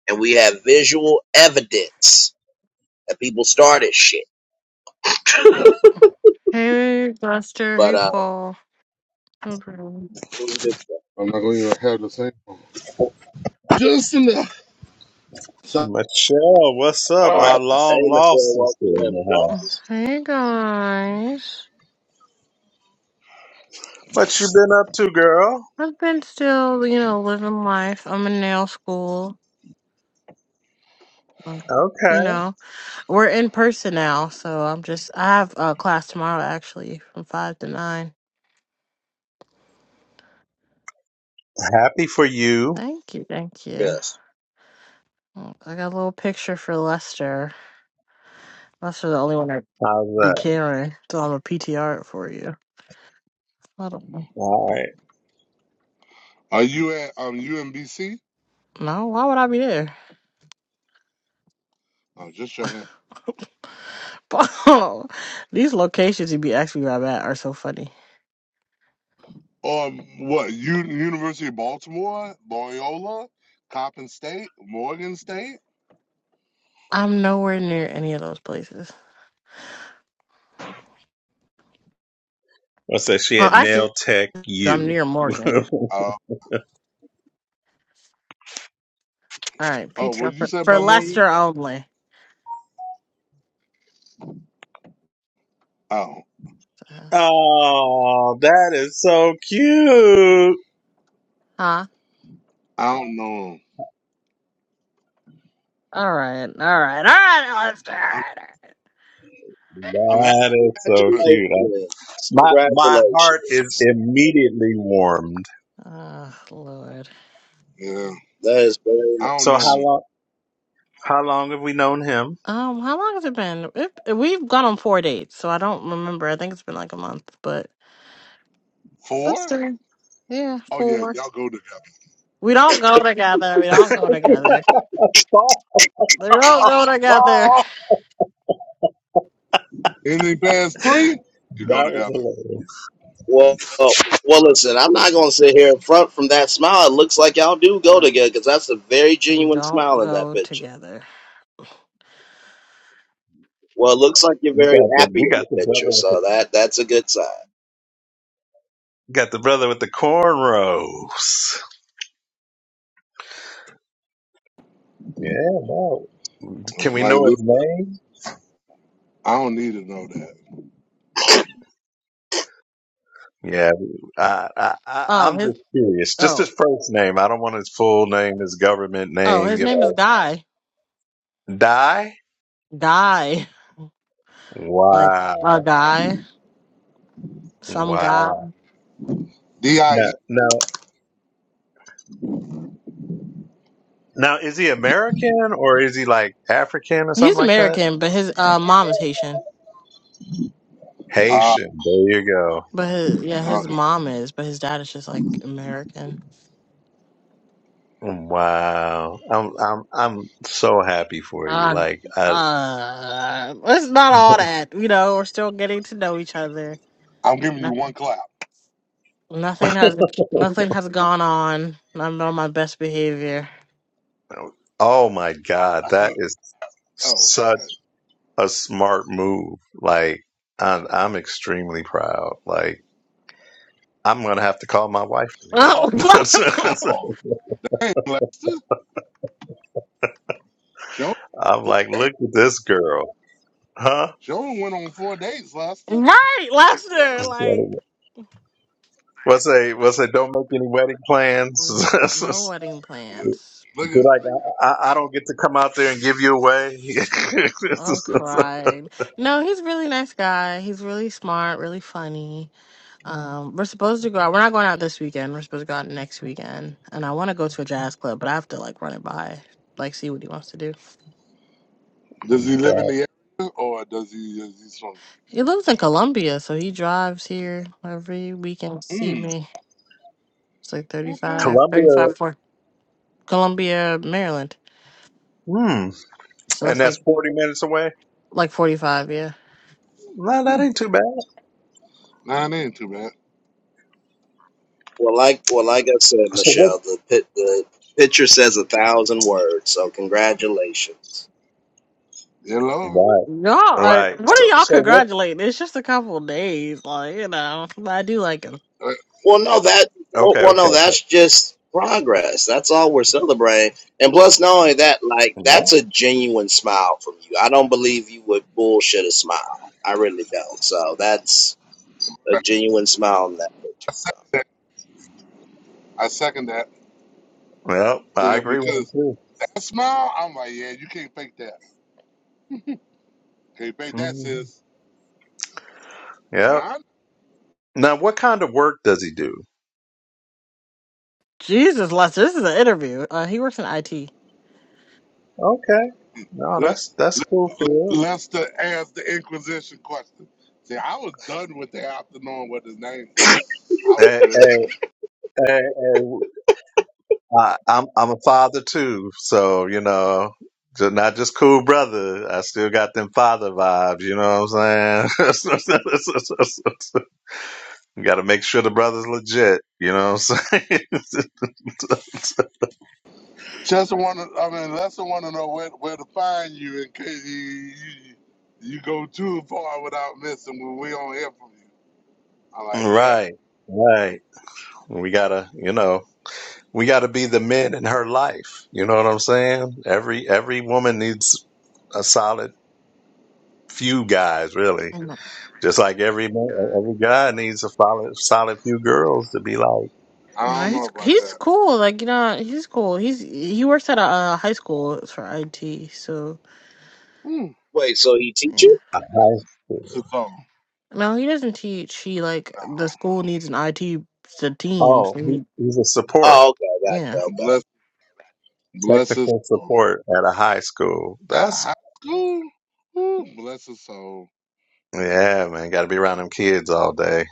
Speaker 1: and we have visual evidence that people started shit.
Speaker 4: Hey, Buster.
Speaker 1: But
Speaker 4: Hey,
Speaker 1: uh,
Speaker 4: Paul. Okay.
Speaker 1: it was a good thing.
Speaker 2: I'm not going to have the same. one. just in the. So,
Speaker 3: Michelle, what's up?
Speaker 2: all
Speaker 3: Our
Speaker 2: right.
Speaker 1: Hey,
Speaker 3: long lost
Speaker 1: Michelle,
Speaker 3: is
Speaker 1: welcome
Speaker 3: still in
Speaker 1: in.
Speaker 3: the house.
Speaker 4: Hey, guys.
Speaker 3: What you been up to, girl?
Speaker 4: I've been still, you know, living life. I'm in nail school. um,
Speaker 3: Okay.
Speaker 4: You know, we're in person now, so I'm just. I have a class tomorrow, actually, from five to nine.
Speaker 3: Happy for you.
Speaker 4: Thank you, thank you.
Speaker 1: Yes.
Speaker 4: Oh, I got a little picture for Lester. Lester's the only one I
Speaker 3: How's
Speaker 4: be
Speaker 3: that?
Speaker 4: carrying, so I'm a PTR it for you. I don't know.
Speaker 3: All right.
Speaker 2: Are you at um UMBC?
Speaker 4: No, why would I be there?
Speaker 2: I'm just checking.
Speaker 4: Paul, (laughs) these locations you be asking me about are so funny.
Speaker 2: Um, what? U- University of Baltimore, Loyola, Coppin State, Morgan State.
Speaker 4: I'm nowhere near any of those places.
Speaker 3: I said she
Speaker 4: Oh,
Speaker 3: had nail
Speaker 4: actually,
Speaker 3: tech
Speaker 4: I'm
Speaker 3: you.
Speaker 4: near
Speaker 3: (laughs)
Speaker 4: Morgan.
Speaker 2: Uh,
Speaker 4: All right,
Speaker 2: oh,
Speaker 4: pizza
Speaker 2: what you
Speaker 4: for,
Speaker 2: said
Speaker 4: for
Speaker 2: about Morgan?
Speaker 4: Lester only.
Speaker 2: Oh,
Speaker 4: Uh,
Speaker 3: oh, that is so cute.
Speaker 4: Huh?
Speaker 2: I don't know 'em.
Speaker 4: All right, all right, all right, Lester. All
Speaker 2: I'm
Speaker 4: right, all
Speaker 2: I'm happy.
Speaker 3: That is so
Speaker 2: With,
Speaker 3: cute.
Speaker 1: Congratulations.
Speaker 3: My my heart is
Speaker 1: Congratulations.
Speaker 3: immediately warmed.
Speaker 4: right. Oh Lord.
Speaker 2: yeah,
Speaker 1: That is very
Speaker 2: I don't
Speaker 3: So how
Speaker 2: know
Speaker 1: nice.
Speaker 2: 'em.
Speaker 3: long how long have we known him?
Speaker 4: Um, how long has it been? It, we've gone on four dates, so I don't remember. I think it's been like a month, but but
Speaker 2: Four?
Speaker 4: still, yeah,
Speaker 2: Oh yeah,
Speaker 4: four.
Speaker 2: y'all go together.
Speaker 4: We don't go together. We don't go
Speaker 3: (laughs)
Speaker 4: together.
Speaker 3: Oh,
Speaker 4: We don't go together.
Speaker 3: that
Speaker 2: Anything past three, you go
Speaker 3: was
Speaker 2: together.
Speaker 3: hilarious.
Speaker 1: Well, well, well, listen, I'm not going to sit here in front from that smile. It looks like y'all do go
Speaker 4: (laughs)
Speaker 1: together because that's a very
Speaker 4: We
Speaker 1: genuine
Speaker 4: don't
Speaker 1: smile in that
Speaker 4: go
Speaker 1: picture.
Speaker 4: together.
Speaker 1: Well, it looks like you're
Speaker 3: We
Speaker 1: very
Speaker 3: got the
Speaker 1: happy
Speaker 3: we
Speaker 1: in the
Speaker 3: got the
Speaker 1: picture,
Speaker 3: brother with the
Speaker 1: so that that's a good sign.
Speaker 3: got the brother with the cornrows. Yeah, no. Can we
Speaker 2: Like
Speaker 3: know his
Speaker 2: Luke,
Speaker 3: name?
Speaker 2: I don't need to know that.
Speaker 3: Yeah, I, I, I,
Speaker 4: Oh,
Speaker 3: I'm
Speaker 4: his
Speaker 3: just curious. Just
Speaker 4: oh
Speaker 3: his first name. I don't want his full name, his government
Speaker 4: oh
Speaker 3: name.
Speaker 4: his
Speaker 3: You
Speaker 4: name is Guy.
Speaker 3: know, Die.
Speaker 4: Guy. Like a
Speaker 3: Wow,
Speaker 4: guy. Some guy.
Speaker 3: wow.
Speaker 2: D I
Speaker 3: Now,
Speaker 2: E.
Speaker 3: now, now, is he American or is he like African or something
Speaker 4: He's
Speaker 3: like that?
Speaker 4: American, but his uh mom is Haitian.
Speaker 2: Ah,
Speaker 3: Haitian. There you go.
Speaker 4: But his yeah, his
Speaker 2: okay.
Speaker 4: mom is, but his dad is just like American.
Speaker 3: Wow, I'm, I'm, I'm so happy for you.
Speaker 4: Uh
Speaker 3: Like, I,
Speaker 4: uh it's not all
Speaker 3: (laughs)
Speaker 4: that, you know, we're still getting to know each other.
Speaker 2: I'm giving you one
Speaker 4: Nothing
Speaker 2: clap.
Speaker 4: nothing has nothing has gone on. I'm on my best behavior.
Speaker 3: oh my God, that is
Speaker 2: Oh,
Speaker 3: such.
Speaker 2: okay.
Speaker 3: a smart move. Like I'm, I'm extremely proud. Like I'm gonna have to call my wife in
Speaker 4: (laughs)
Speaker 3: here.
Speaker 2: Oh,
Speaker 4: right,
Speaker 3: (laughs)
Speaker 2: oh. dang, Lester. She only,
Speaker 3: I'm like, look at this girl, huh?
Speaker 2: she only went on four dates, Lester.
Speaker 4: Lester, like
Speaker 3: What's a what's a? Don't make any wedding plans.
Speaker 4: Mm, No
Speaker 3: (laughs)
Speaker 4: wedding
Speaker 2: Yeah.
Speaker 4: plans.
Speaker 2: Look at
Speaker 3: Be like, I, I I don't get to come out there and give you away. (laughs)
Speaker 4: I'm crying. No, he's a really nice guy. He's really smart, really funny. Um, we're supposed to go out. We're not going out this weekend. We're supposed to go out next weekend. And I want to go to a jazz club, but I have to like run it by, like see what he wants to do.
Speaker 2: Does he live in
Speaker 3: That-
Speaker 2: the area or does he is he from?
Speaker 4: He lives in Columbia, so he drives here every weekend to see
Speaker 2: Mm,
Speaker 4: me. It's like thirty
Speaker 2: okay.
Speaker 4: five,
Speaker 3: Columbia,
Speaker 4: 35 for Columbia, Maryland.
Speaker 3: hmm,
Speaker 4: So it's
Speaker 3: and
Speaker 4: like
Speaker 3: that's forty minutes away.
Speaker 4: like 45, yeah.
Speaker 3: No, that
Speaker 2: Mm.
Speaker 3: ain't too bad.
Speaker 2: Nah, that ain't too bad.
Speaker 1: Well, like well, like I said,
Speaker 3: So what?
Speaker 1: Michelle, the pit, the picture says a thousand words. So congratulations.
Speaker 2: Hello.
Speaker 3: Right,
Speaker 4: Y'all are,
Speaker 3: right.
Speaker 4: what are
Speaker 3: So
Speaker 4: y'all
Speaker 3: so what?
Speaker 4: congratulating? It's just a couple days, like, you know, but I do like him.
Speaker 2: Uh,
Speaker 1: Well, no, that well,
Speaker 3: Okay,
Speaker 1: well,
Speaker 3: okay,
Speaker 1: no,
Speaker 3: okay.
Speaker 1: that's just progress. That's all we're celebrating. And plus, not only that, like that's
Speaker 3: Right.
Speaker 1: a genuine smile from you. I don't believe you would bullshit a smile. I really don't. So that's a genuine smile in that picture. So.
Speaker 2: I second that.
Speaker 3: Yep, I
Speaker 2: Yeah,
Speaker 3: agree with him
Speaker 2: because
Speaker 3: too.
Speaker 2: that smile, I'm like, yeah, you can't fake that. Can't fake that,
Speaker 3: Mhm.
Speaker 2: sis.
Speaker 3: Yep.
Speaker 2: Nah.
Speaker 3: Now, what kind of work does he do?
Speaker 4: Jesus, Lester, this is an interview. Uh, he works in IT.
Speaker 3: Okay. No,
Speaker 2: Let,
Speaker 3: that's that's
Speaker 2: let
Speaker 3: cool, Phil.
Speaker 2: Lester ask the Inquisition question. See, I was done with that after knowing what his name was. I was
Speaker 3: Hey,
Speaker 2: good.
Speaker 3: hey, hey, hey, I, I'm I'm a father too, so you know, just not just cool brother. I still got them father vibes. You know what I'm saying? (laughs) you got to make sure the brother's legit. You know what I'm saying?
Speaker 2: Chester want to, I mean, Lester want to know where, where to find you in case you, you, you go too far without missing when we don't hear from you. I'm like,
Speaker 3: (laughs)
Speaker 2: yep.
Speaker 3: right, right. We gotta, you know. We got to be the men in her life. You know what I'm saying? Every every woman needs a solid few guys, really.
Speaker 4: Mhm.
Speaker 3: Just like every man, every guy needs a solid solid few girls to be like.
Speaker 2: I
Speaker 4: Uh,
Speaker 2: don't know
Speaker 4: he's
Speaker 2: about
Speaker 4: he's
Speaker 2: that.
Speaker 4: cool, like, you know, he's cool. He's he works at a, uh high school for IT, so
Speaker 2: Mm,
Speaker 1: Wait, so he teach
Speaker 4: yeah.
Speaker 1: you?
Speaker 3: high
Speaker 2: bless
Speaker 3: school.
Speaker 2: her soul.
Speaker 4: No, he doesn't teach. He like the school needs an IT s- team,
Speaker 3: Oh,
Speaker 4: so
Speaker 3: he,
Speaker 4: he
Speaker 3: he's a support,
Speaker 1: Oh, okay,
Speaker 4: yeah.
Speaker 1: gotcha. Okay,
Speaker 2: Bless, bless us
Speaker 3: technical support at a high school.
Speaker 2: at a
Speaker 3: That's
Speaker 2: high school. Ooh, bless her soul.
Speaker 3: yeah, man. Got to be around them kids all day,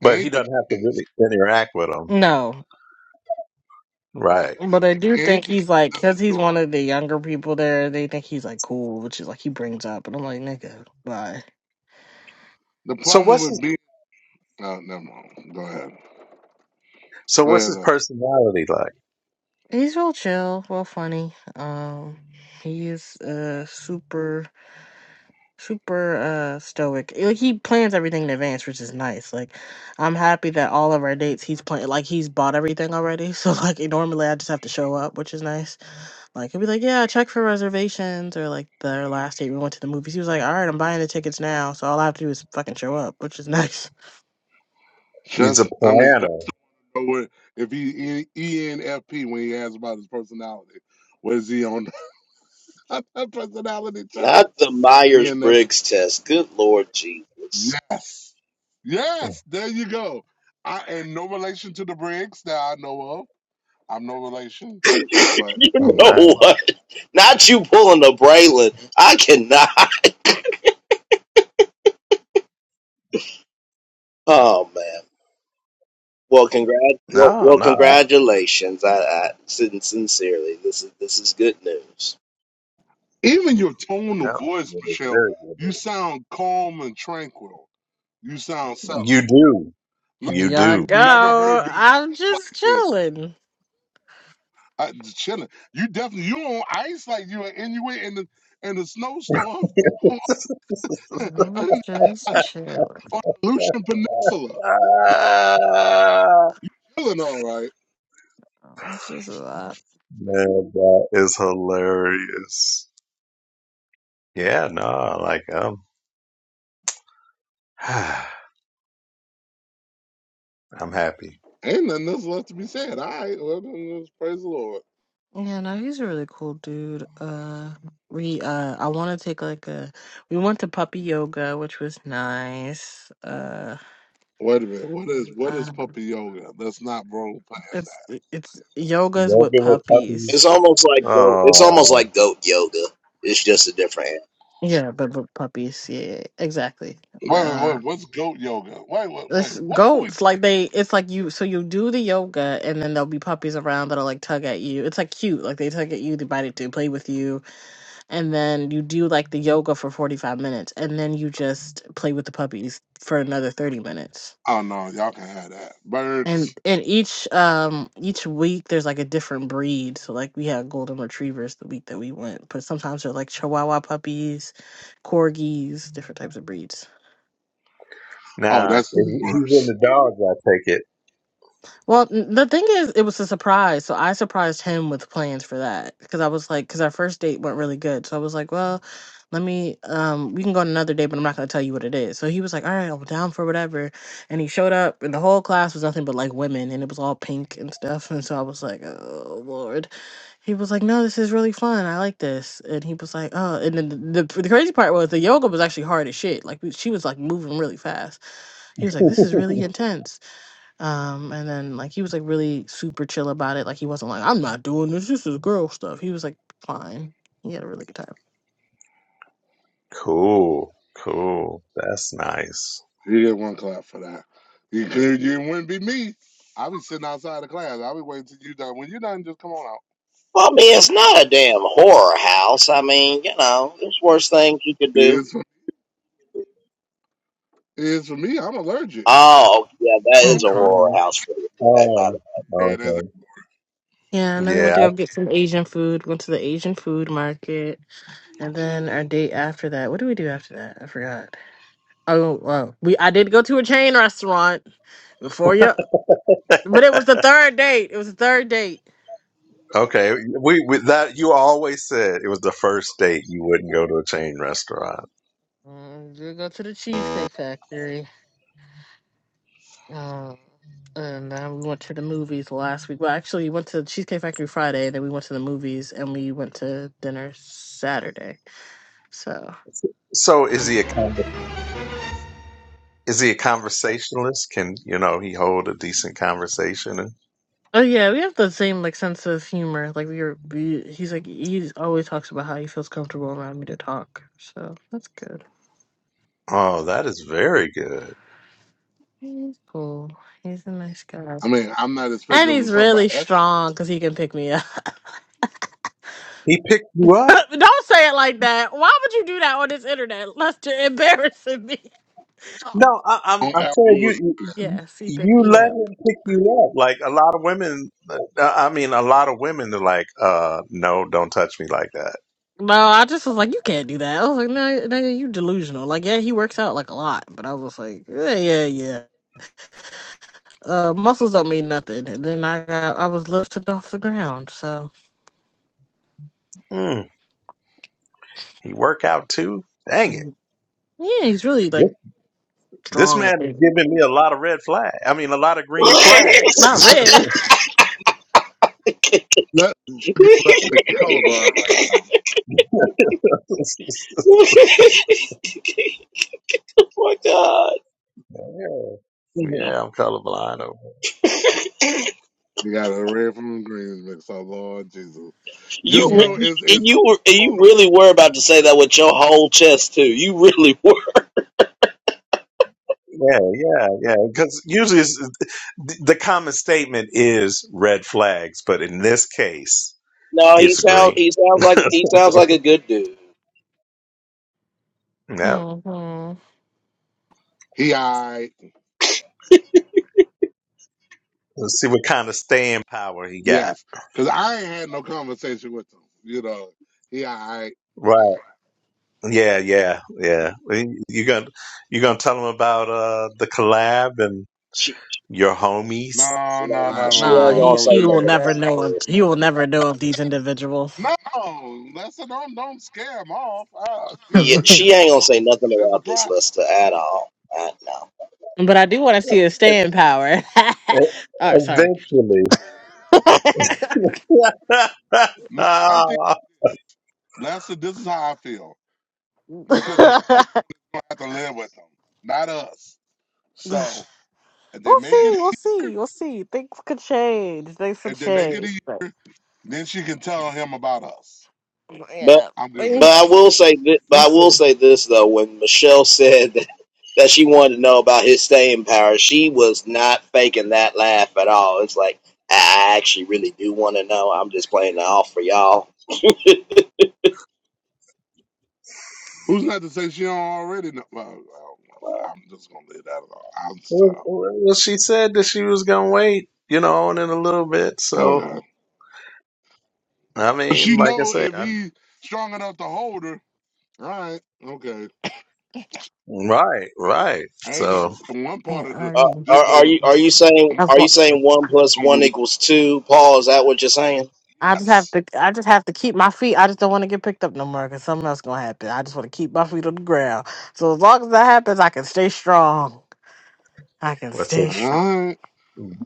Speaker 3: but he
Speaker 2: Ain't the
Speaker 3: doesn't have to
Speaker 2: kid.
Speaker 3: really interact with them,
Speaker 4: No,
Speaker 2: uh,
Speaker 3: right?
Speaker 4: but I do think
Speaker 2: Ain't the kid.
Speaker 4: he's like because he's
Speaker 2: though.
Speaker 4: one of the younger people there. They think he's like cool, which is like he brings up, and I'm like nigga, bye.
Speaker 2: The
Speaker 3: So
Speaker 2: problem
Speaker 3: what's
Speaker 2: with
Speaker 3: his,
Speaker 2: being. No, never mind. Go ahead.
Speaker 3: so
Speaker 2: Go
Speaker 3: what's
Speaker 2: ahead.
Speaker 3: his
Speaker 2: Les.
Speaker 3: personality like?
Speaker 4: He's real chill, real funny. Um, he is uh super super uh stoic. Like he plans everything in advance, which is nice. Like I'm happy that all of our dates he's plan like he's bought everything already. (laughs) So like normally I just have to show up, which is nice. Like he'll be like, yeah, check for reservations or like their last date we went to the movies. He was like, all right, I'm buying the tickets now, so all I have to do is fucking show up, which is (laughs) nice.
Speaker 3: He's a
Speaker 2: Just, I mean, let's
Speaker 3: planner.
Speaker 2: know where, if he E- ENFP when he asks about his personality. what is he on (laughs) that personality chart?
Speaker 1: not the Myers
Speaker 2: ENF.
Speaker 1: Briggs test. Good Lord Jesus.
Speaker 2: Yes.
Speaker 3: Mm,
Speaker 2: Yes. There you go. I ain't no relation to the Briggs that I know of. I'm no relation,
Speaker 1: (laughs)
Speaker 2: but
Speaker 1: you
Speaker 2: I
Speaker 3: All
Speaker 2: want this.
Speaker 1: know
Speaker 3: right.
Speaker 1: what? Not you pulling a Braylon. I cannot. (laughs) Oh man. Well, congrat well,
Speaker 3: No,
Speaker 1: well
Speaker 3: no.
Speaker 1: congratulations. I, I sin- sincerely, this is this is good news.
Speaker 2: Even your tone
Speaker 3: Yeah,
Speaker 2: of voice,
Speaker 3: it is
Speaker 2: Michelle,
Speaker 3: very good.
Speaker 2: you sound calm and tranquil. You sound settled.
Speaker 3: You do.
Speaker 2: Like
Speaker 4: Here
Speaker 3: You
Speaker 4: y'all
Speaker 3: do.
Speaker 2: I've never
Speaker 4: go.
Speaker 2: heard your voice
Speaker 4: I'm
Speaker 2: like
Speaker 4: just
Speaker 2: this.
Speaker 4: chilling.
Speaker 2: I, just chilling. You definitely you on ice like you an Inuit in the in the snowstorm (laughs) on
Speaker 3: (laughs)
Speaker 4: I'm
Speaker 2: on
Speaker 4: just
Speaker 2: the
Speaker 4: chilling.
Speaker 2: Aleutian Peninsula. That's what you sound
Speaker 3: Ah,
Speaker 2: like. You chilling all right.
Speaker 4: Oh, This is that.
Speaker 3: Man, that is hilarious. Yeah, no, like I'm, (sighs) I'm happy.
Speaker 2: Ain't nothing else left to be said. All right, well, then, let's praise the Lord.
Speaker 4: Yeah, no, he's a really cool dude. Uh, we uh, I want to take like a. We went to puppy yoga, which was nice. Uh,
Speaker 2: Wait a minute. What is what is
Speaker 4: um,
Speaker 2: puppy yoga? Let's not roll past
Speaker 4: it's it's yogas with
Speaker 3: Working with
Speaker 1: It's
Speaker 4: puppies.
Speaker 3: puppies.
Speaker 1: almost like goat. It's almost
Speaker 3: Oh,
Speaker 1: like goat yoga. It's just a different. animal.
Speaker 4: Yeah, but with puppies. Yeah, yeah, exactly.
Speaker 2: that. Wait, wait,
Speaker 4: Uh,
Speaker 2: wait. What's goat yoga? Wait, wait, wait.
Speaker 4: it's
Speaker 2: What are we? T-
Speaker 4: goats. Like they, it's like you. So you do the yoga, and then there'll be puppies around that'll like tug at you. It's like cute. Like they tug at you, they bite at you, play with you and then you do like the yoga for 45 minutes and then you just play with the puppies for another 30 minutes
Speaker 2: oh no, y'all can have that.
Speaker 4: and
Speaker 2: Birds.
Speaker 4: and each um each week there's like a different breed so like we had golden retrievers the week that we went but sometimes they're like chihuahua puppies corgis different types of breeds
Speaker 2: Oh,
Speaker 3: now
Speaker 2: that's even
Speaker 3: if he's in
Speaker 2: worse.
Speaker 3: the dogs. I take
Speaker 4: Well, n- the thing is, it was a surprise. So I surprised him with plans for that because I was like, because our first date went really good. So I was like, well, let me, um, we can go on another date, but I'm not going to tell you what it is. So he was like, all right, I'm down for whatever. And he showed up, and the whole class was nothing but like women, and it was all pink and stuff. (laughs) And so I was like, oh, Lord. He was like, no, this is really fun. I like this. And he was like, oh, and then the, the, the crazy part was the yoga was actually hard as shit. Like, we- she was like moving really fast. He was like, this is really
Speaker 3: it.
Speaker 4: intense. Um, and then like he was like really super chill about it. Like he wasn't like, I'm not doing this, this is girl stuff. He was like fine. He had a really good time.
Speaker 3: (laughs) cool, cool. That's nice.
Speaker 2: You get one clap for that. You could, you wouldn't be me. I'll be sitting outside the class. I'll be waiting till you done. When you're done, just come on out.
Speaker 1: Well, I mean, it's not a damn horror house. I mean, you know, there's worse things you could
Speaker 2: It
Speaker 1: do.
Speaker 2: is. For, it is for me. I'm allergic.
Speaker 1: Oh, yeah, that
Speaker 4: I'm
Speaker 1: is
Speaker 2: Man,
Speaker 1: a horror
Speaker 4: crying.
Speaker 1: house for you. Okay, my bad.
Speaker 3: Oh,
Speaker 2: Yeah, it is.
Speaker 3: okay.
Speaker 4: Yeah, and then we
Speaker 3: Yeah.
Speaker 4: went to go get some Asian food, went to the Asian food market, and then our date after that. What did we do after that? I forgot. Oh, well, we I did go to a chain restaurant before you, but it was the third date. It was the third date.
Speaker 3: Okay, we, we that you always said it was the first date you wouldn't go to a chain restaurant.
Speaker 4: Um, we did go to the Cheesecake Factory. Uh, and then we went to the movies last week. Well, actually, we went to Cheesecake Factory Friday, then we went to the movies, and we went to dinner Saturday. So,
Speaker 3: So is he a con- is he a conversationalist? Can you know he hold a decent conversation? And,
Speaker 4: oh yeah, we have the same like sense of humor. Like we were, we, he's like he always talks about how he feels comfortable around me to talk. So that's good.
Speaker 3: oh, that is very good.
Speaker 4: He's cool. He's a nice guy,
Speaker 2: I mean, I'm not
Speaker 4: and
Speaker 2: expecting them to
Speaker 4: he's
Speaker 2: talk about
Speaker 4: really
Speaker 2: ethics
Speaker 4: strong because he can pick me up.
Speaker 3: He picked you
Speaker 4: (laughs)
Speaker 3: up.
Speaker 4: Don't say it like that. Why would you do that on this internet? Lester embarrassing me.
Speaker 3: No, I, I'm
Speaker 2: on
Speaker 3: I'm saying
Speaker 2: algorithm.
Speaker 3: you you
Speaker 4: Yes, he picked
Speaker 3: you
Speaker 4: me
Speaker 3: let
Speaker 4: up.
Speaker 3: him pick you up. Like a lot of women, uh, I mean, a lot of women are like, uh, no, don't touch me like that.
Speaker 4: No, I just was like, you can't do that. I was like, no, no, you delusional. Like, yeah, he works out like a lot, but I was just like, yeah, yeah, yeah. Uh, muscles don't mean nothing. And then I got, I was lifted off the ground. So,
Speaker 3: Mm, he work out too. Dang it!
Speaker 4: Mm. yeah, he's really
Speaker 3: This,
Speaker 4: like
Speaker 3: this
Speaker 4: strong. I
Speaker 3: man is
Speaker 4: think
Speaker 3: giving me a lot of red flags. I mean, a lot of green
Speaker 4: not
Speaker 3: flags. (laughs)
Speaker 1: (laughs)
Speaker 4: red.
Speaker 2: Let us forget about the colorblind right now.
Speaker 1: (laughs) my God.
Speaker 3: yeah, yeah, I'm colorblind.
Speaker 2: You got a red from the greens mix. Oh Lord Jesus.
Speaker 4: (laughs)
Speaker 1: You
Speaker 2: Just know
Speaker 4: yeah.
Speaker 1: re-
Speaker 2: it's it's
Speaker 1: and you were and
Speaker 2: a light on
Speaker 1: you
Speaker 2: the
Speaker 1: really were
Speaker 2: bottom.
Speaker 1: about to say
Speaker 2: It's
Speaker 1: that
Speaker 2: a
Speaker 1: with
Speaker 2: light
Speaker 1: your
Speaker 2: on
Speaker 1: whole
Speaker 2: the bottom.
Speaker 1: chest too. You really (laughs) were.
Speaker 3: Yeah, yeah, yeah. Because usually it's, the the common statement is red flags, but in this case,
Speaker 1: No, he
Speaker 3: it's
Speaker 1: sounds
Speaker 3: green.
Speaker 1: he sounds
Speaker 3: (laughs)
Speaker 1: like he sounds like a good dude.
Speaker 3: yeah.
Speaker 4: hmm
Speaker 2: He alright.
Speaker 3: Let's see what kind of staying power he got.
Speaker 2: Yes. Cause I ain't had no conversation with him. You know. He alright.
Speaker 3: Right. Yeah, yeah, yeah. You're gonna you're gonna tell him about uh the collab and
Speaker 1: She
Speaker 3: your homies.
Speaker 2: No, no, no,
Speaker 1: no,
Speaker 4: Uh,
Speaker 2: no,
Speaker 1: she
Speaker 2: no,
Speaker 4: nah,
Speaker 1: ain't
Speaker 2: no.
Speaker 4: he
Speaker 1: gonna
Speaker 2: Don't
Speaker 1: say
Speaker 4: he
Speaker 2: do that.
Speaker 4: will
Speaker 1: nothing
Speaker 4: never
Speaker 1: about
Speaker 2: Don't
Speaker 4: know. Of,
Speaker 1: this.
Speaker 4: he
Speaker 2: scare
Speaker 4: will never know
Speaker 2: him
Speaker 4: of these individuals.
Speaker 2: off. No, Lester, don't don't scare him off. Oh,
Speaker 4: (laughs)
Speaker 1: Yeah,
Speaker 4: but
Speaker 2: Jesus.
Speaker 1: she ain't gonna say nothing
Speaker 2: It's a
Speaker 1: about this
Speaker 2: problem.
Speaker 1: Lester at all. I know,
Speaker 4: I do want to see his
Speaker 3: E-
Speaker 4: staying power. (laughs)
Speaker 3: e-
Speaker 4: oh, sorry.
Speaker 3: Eventually. (laughs)
Speaker 2: My, my thing,
Speaker 3: Ah,
Speaker 2: Lester, this is how I feel. Because Michelle's gonna have to live with them, not us.
Speaker 4: (laughs)
Speaker 2: So if they
Speaker 4: We'll
Speaker 2: make
Speaker 4: see.
Speaker 2: it
Speaker 4: We'll see. We'll see. Things could change. Things could
Speaker 2: if they make it
Speaker 4: change.
Speaker 2: easy.
Speaker 4: But
Speaker 2: Then she can tell him about us.
Speaker 1: but
Speaker 4: yeah,
Speaker 2: I'm good with
Speaker 1: but
Speaker 2: that.
Speaker 1: I
Speaker 4: things-
Speaker 1: will say this, but
Speaker 4: we'll
Speaker 1: I will
Speaker 4: see.
Speaker 1: say this though. When Michelle (laughs) said that, that she wanted to know about his staying power, she was not faking that laugh at all. It's like I actually really do want to know. I'm just playing it off for y'all
Speaker 2: Who's not to say she don't already know? Well, well,
Speaker 1: Wow.
Speaker 2: well, I'm just gonna leave that alone. I'm stop.
Speaker 3: well, she said that she was gonna wait, you know, and in a little bit. So
Speaker 2: Okay.
Speaker 3: I
Speaker 2: But
Speaker 3: mean,
Speaker 2: she
Speaker 3: like I
Speaker 2: know
Speaker 3: say.
Speaker 2: if he's strong enough to hold her. All right. Okay.
Speaker 3: Right, right.
Speaker 2: I ain't gonna
Speaker 3: So
Speaker 2: be like one part
Speaker 4: And
Speaker 2: of the
Speaker 4: I
Speaker 1: Uh,
Speaker 4: mean,
Speaker 1: are,
Speaker 2: just the
Speaker 1: are you
Speaker 2: the-
Speaker 1: are you
Speaker 4: it's-
Speaker 1: saying
Speaker 4: that's
Speaker 1: are you
Speaker 4: what
Speaker 1: saying one plus one
Speaker 2: gonna be
Speaker 1: equals two? Paul, is that what you're saying?
Speaker 4: I just have
Speaker 2: yes.
Speaker 4: to. I just have to keep my feet. I just don't want to get picked up no more because something else gonna happen. I just want to keep my feet on the ground. So as long as that happens, I can stay strong. I can
Speaker 3: what's it?
Speaker 4: stay
Speaker 2: All
Speaker 4: strong.
Speaker 2: right.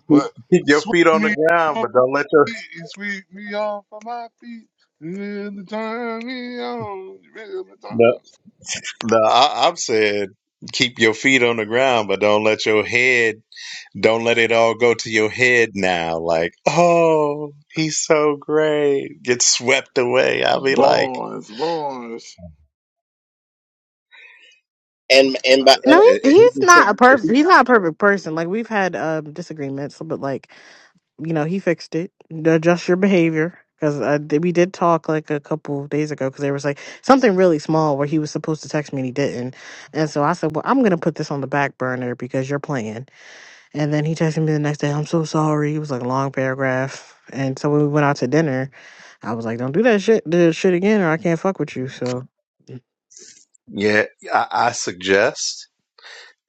Speaker 3: Keep
Speaker 2: But
Speaker 3: keep your
Speaker 2: sweep
Speaker 3: feet on the
Speaker 2: me
Speaker 3: ground,
Speaker 2: off my
Speaker 3: but don't let your
Speaker 2: feet, sweep me off of my feet. Really turn me on, really turn.
Speaker 3: no. no I, I've said keep your feet on the ground, but don't let your head. Don't let it all go to your head now. Like, oh, he's so great. Get swept away. I'll be like,
Speaker 2: Boys, boys.
Speaker 1: And and
Speaker 3: I, I,
Speaker 1: by
Speaker 4: No,
Speaker 1: and
Speaker 4: he's
Speaker 3: I- he
Speaker 4: he's
Speaker 3: did
Speaker 4: not a perfect.
Speaker 3: something.
Speaker 4: He's not a perfect person. Like we've had um disagreements, but like you know, he fixed it. Adjust your behavior. Because uh, th- we did talk like a couple of days ago because there was like something really small where he was supposed to text me and he didn't. And so I said, Well, I'm going to put this on the back burner because you're playing. And then he texted me the next day, I'm so sorry. It was like a long paragraph. And so when we went out to dinner, I was like, Don't do that shit, the shit again or I can't fuck with you. So it
Speaker 3: Yeah, I, I suggest.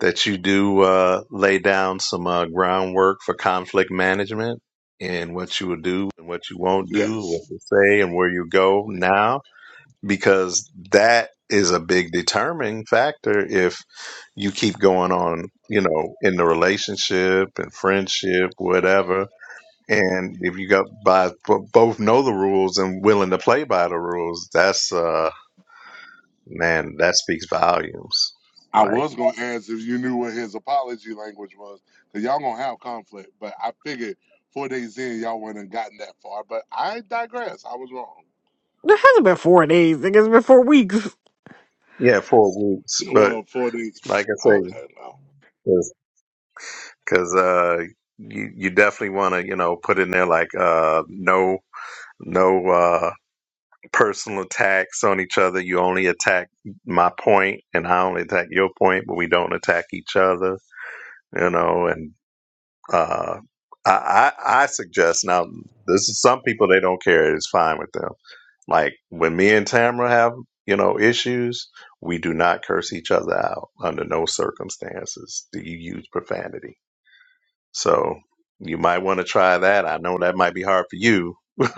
Speaker 3: that you do uh, lay down some uh, groundwork for conflict management and what you will do and what you won't do,
Speaker 2: Yes.
Speaker 3: what you say and where you go now, because that is a big determining factor if you keep going on, you know, in the relationship and friendship, whatever. And if you got by bo- both know the rules and willing to play by the rules, that's uh man, that speaks volumes.
Speaker 2: I
Speaker 3: Like
Speaker 2: was gonna ask if you knew what his apology language was, cause y'all gonna have conflict. But I figured four days in, y'all wouldn't have gotten that far. But I digress. I was wrong.
Speaker 4: hasn't been four days. Like, It's been four weeks.
Speaker 3: yeah, four weeks, but
Speaker 2: Well, four days.
Speaker 3: Like I say,
Speaker 2: Okay, no.
Speaker 3: because uh, you you definitely want to you know put in there like uh, no no uh, personal attacks on each other. You only attack my point, and I only attack your point, but we don't attack each other. You know, and uh, I, I I suggest now this is some people they don't care. It's fine with them. Like when me and Tamara have you know issues. We do not curse each other out under no circumstances. Do you use profanity? So you might want to try that. I know that might be hard for you, (laughs) but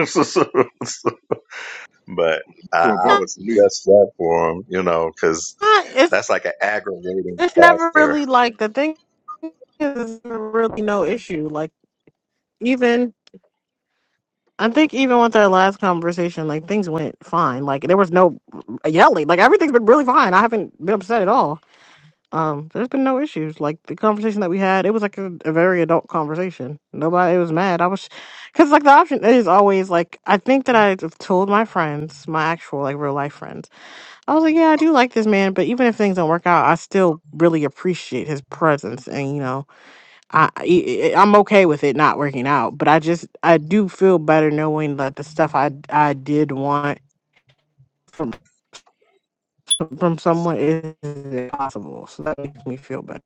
Speaker 3: I,
Speaker 2: Well,
Speaker 3: I
Speaker 2: probably
Speaker 3: would
Speaker 2: for me.
Speaker 3: suggest that for them, you know, because
Speaker 4: (laughs)
Speaker 3: that's like an aggravating
Speaker 4: It's never
Speaker 3: factor.
Speaker 4: really like the thing is it's really no issue. Like even I think even with our last conversation, like things went fine. Like there was no yelling. Like everything's been really fine. I haven't been upset at all. Um, there's been no issues. Like the conversation that we had, it was like a, a very adult conversation. Nobody was mad. I was, cause like the option is always like I think that I've told my friends, my actual like real life friends, I was like, yeah, I do like this man, but even if things don't work out, I still really appreciate his presence and you know I, I I'm okay with it not working out, but I just I do feel better knowing that the stuff I I did want from from someone is possible. So that makes me feel better.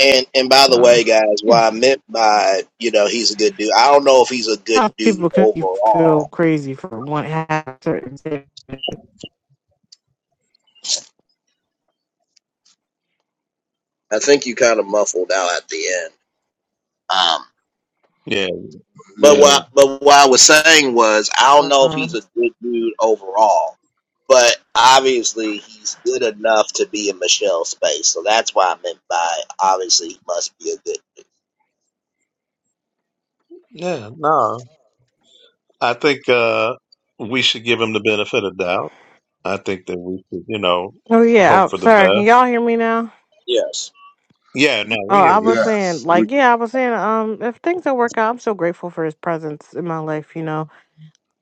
Speaker 1: and, and by the
Speaker 4: So
Speaker 1: way, guys,
Speaker 4: yeah,
Speaker 1: what I meant by you know he's a good dude. I don't know if he's a good
Speaker 4: Sometimes
Speaker 1: dude
Speaker 4: people can you feel
Speaker 1: overall.
Speaker 4: crazy for one half certain thing.
Speaker 1: I think you kind of muffled out at the end. Um,
Speaker 3: Yeah, yeah,
Speaker 1: but
Speaker 2: Yeah.
Speaker 3: you-
Speaker 1: what but what I was saying was I don't know if
Speaker 4: Um,
Speaker 1: he's a good dude overall. But obviously he's good enough to be in Michelle's space, so that's why I meant by obviously he must be a good.
Speaker 3: yeah. No, I think uh, we should give them the benefit of doubt. I think that we should, you know,
Speaker 4: oh yeah,
Speaker 3: hope
Speaker 4: oh,
Speaker 3: for the
Speaker 4: sorry. Can
Speaker 3: best.
Speaker 4: y'all hear me now?
Speaker 1: Yes.
Speaker 3: Yeah, no, we
Speaker 4: Oh,
Speaker 3: hear
Speaker 4: I
Speaker 3: you.
Speaker 4: was saying
Speaker 2: Yes. We,
Speaker 4: like yeah, I was saying um if things don't work out, I'm so grateful for his presence in my life. You know,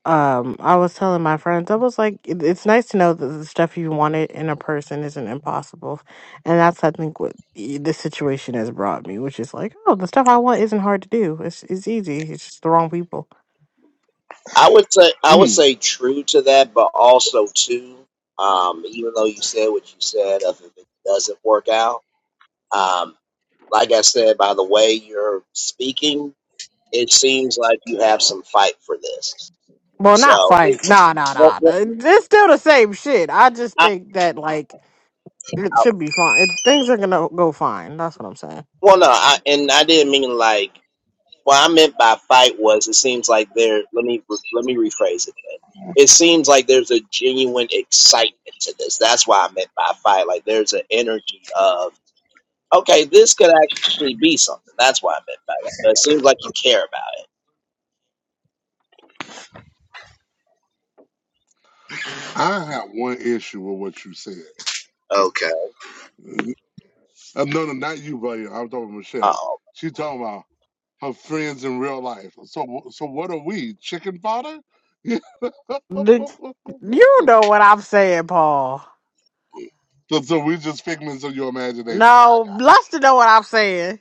Speaker 4: um i was telling my friends i was like it, it's nice to know that the stuff you wanted in a person isn't impossible and that's i think what y- this situation has brought me which is like oh the stuff i want isn't hard to do it's it's easy it's just the wrong people
Speaker 1: I would say I would
Speaker 2: mm,
Speaker 1: say true to that, but also too, um, even though you said what you said of if it doesn't work out, um, like I said, by the way you're speaking, it seems like you have some fight for this.
Speaker 4: well not
Speaker 1: So, it,
Speaker 4: fight nah nah
Speaker 1: well,
Speaker 4: nah nah.
Speaker 1: well,
Speaker 4: it's still the same shit i just
Speaker 1: I,
Speaker 4: think that like it
Speaker 1: I,
Speaker 4: should be fine it, things are gonna go fine that's what i'm saying
Speaker 1: well, no, I, and I didn't mean like what I meant by fight was it seems like there. Let me re- let me rephrase it. Then. It seems like there's a genuine excitement to this. That's why I meant by fight. Like there's an energy of okay, this could actually be something. That's why I meant by that. But it seems like you care about
Speaker 2: I have one issue with what you said.
Speaker 1: it. Okay.
Speaker 2: Uh, no, no, not you, buddy. I'm talking about Michelle.
Speaker 1: Oh.
Speaker 2: She talking about her friends in real life. So, wh- so what are we? Chicken fodder?
Speaker 4: The,
Speaker 2: (laughs)
Speaker 4: you know what I'm saying, Paul.
Speaker 2: So, so we just figments of your imagination. I
Speaker 4: No,
Speaker 2: got it.
Speaker 4: Luster know what I'm saying.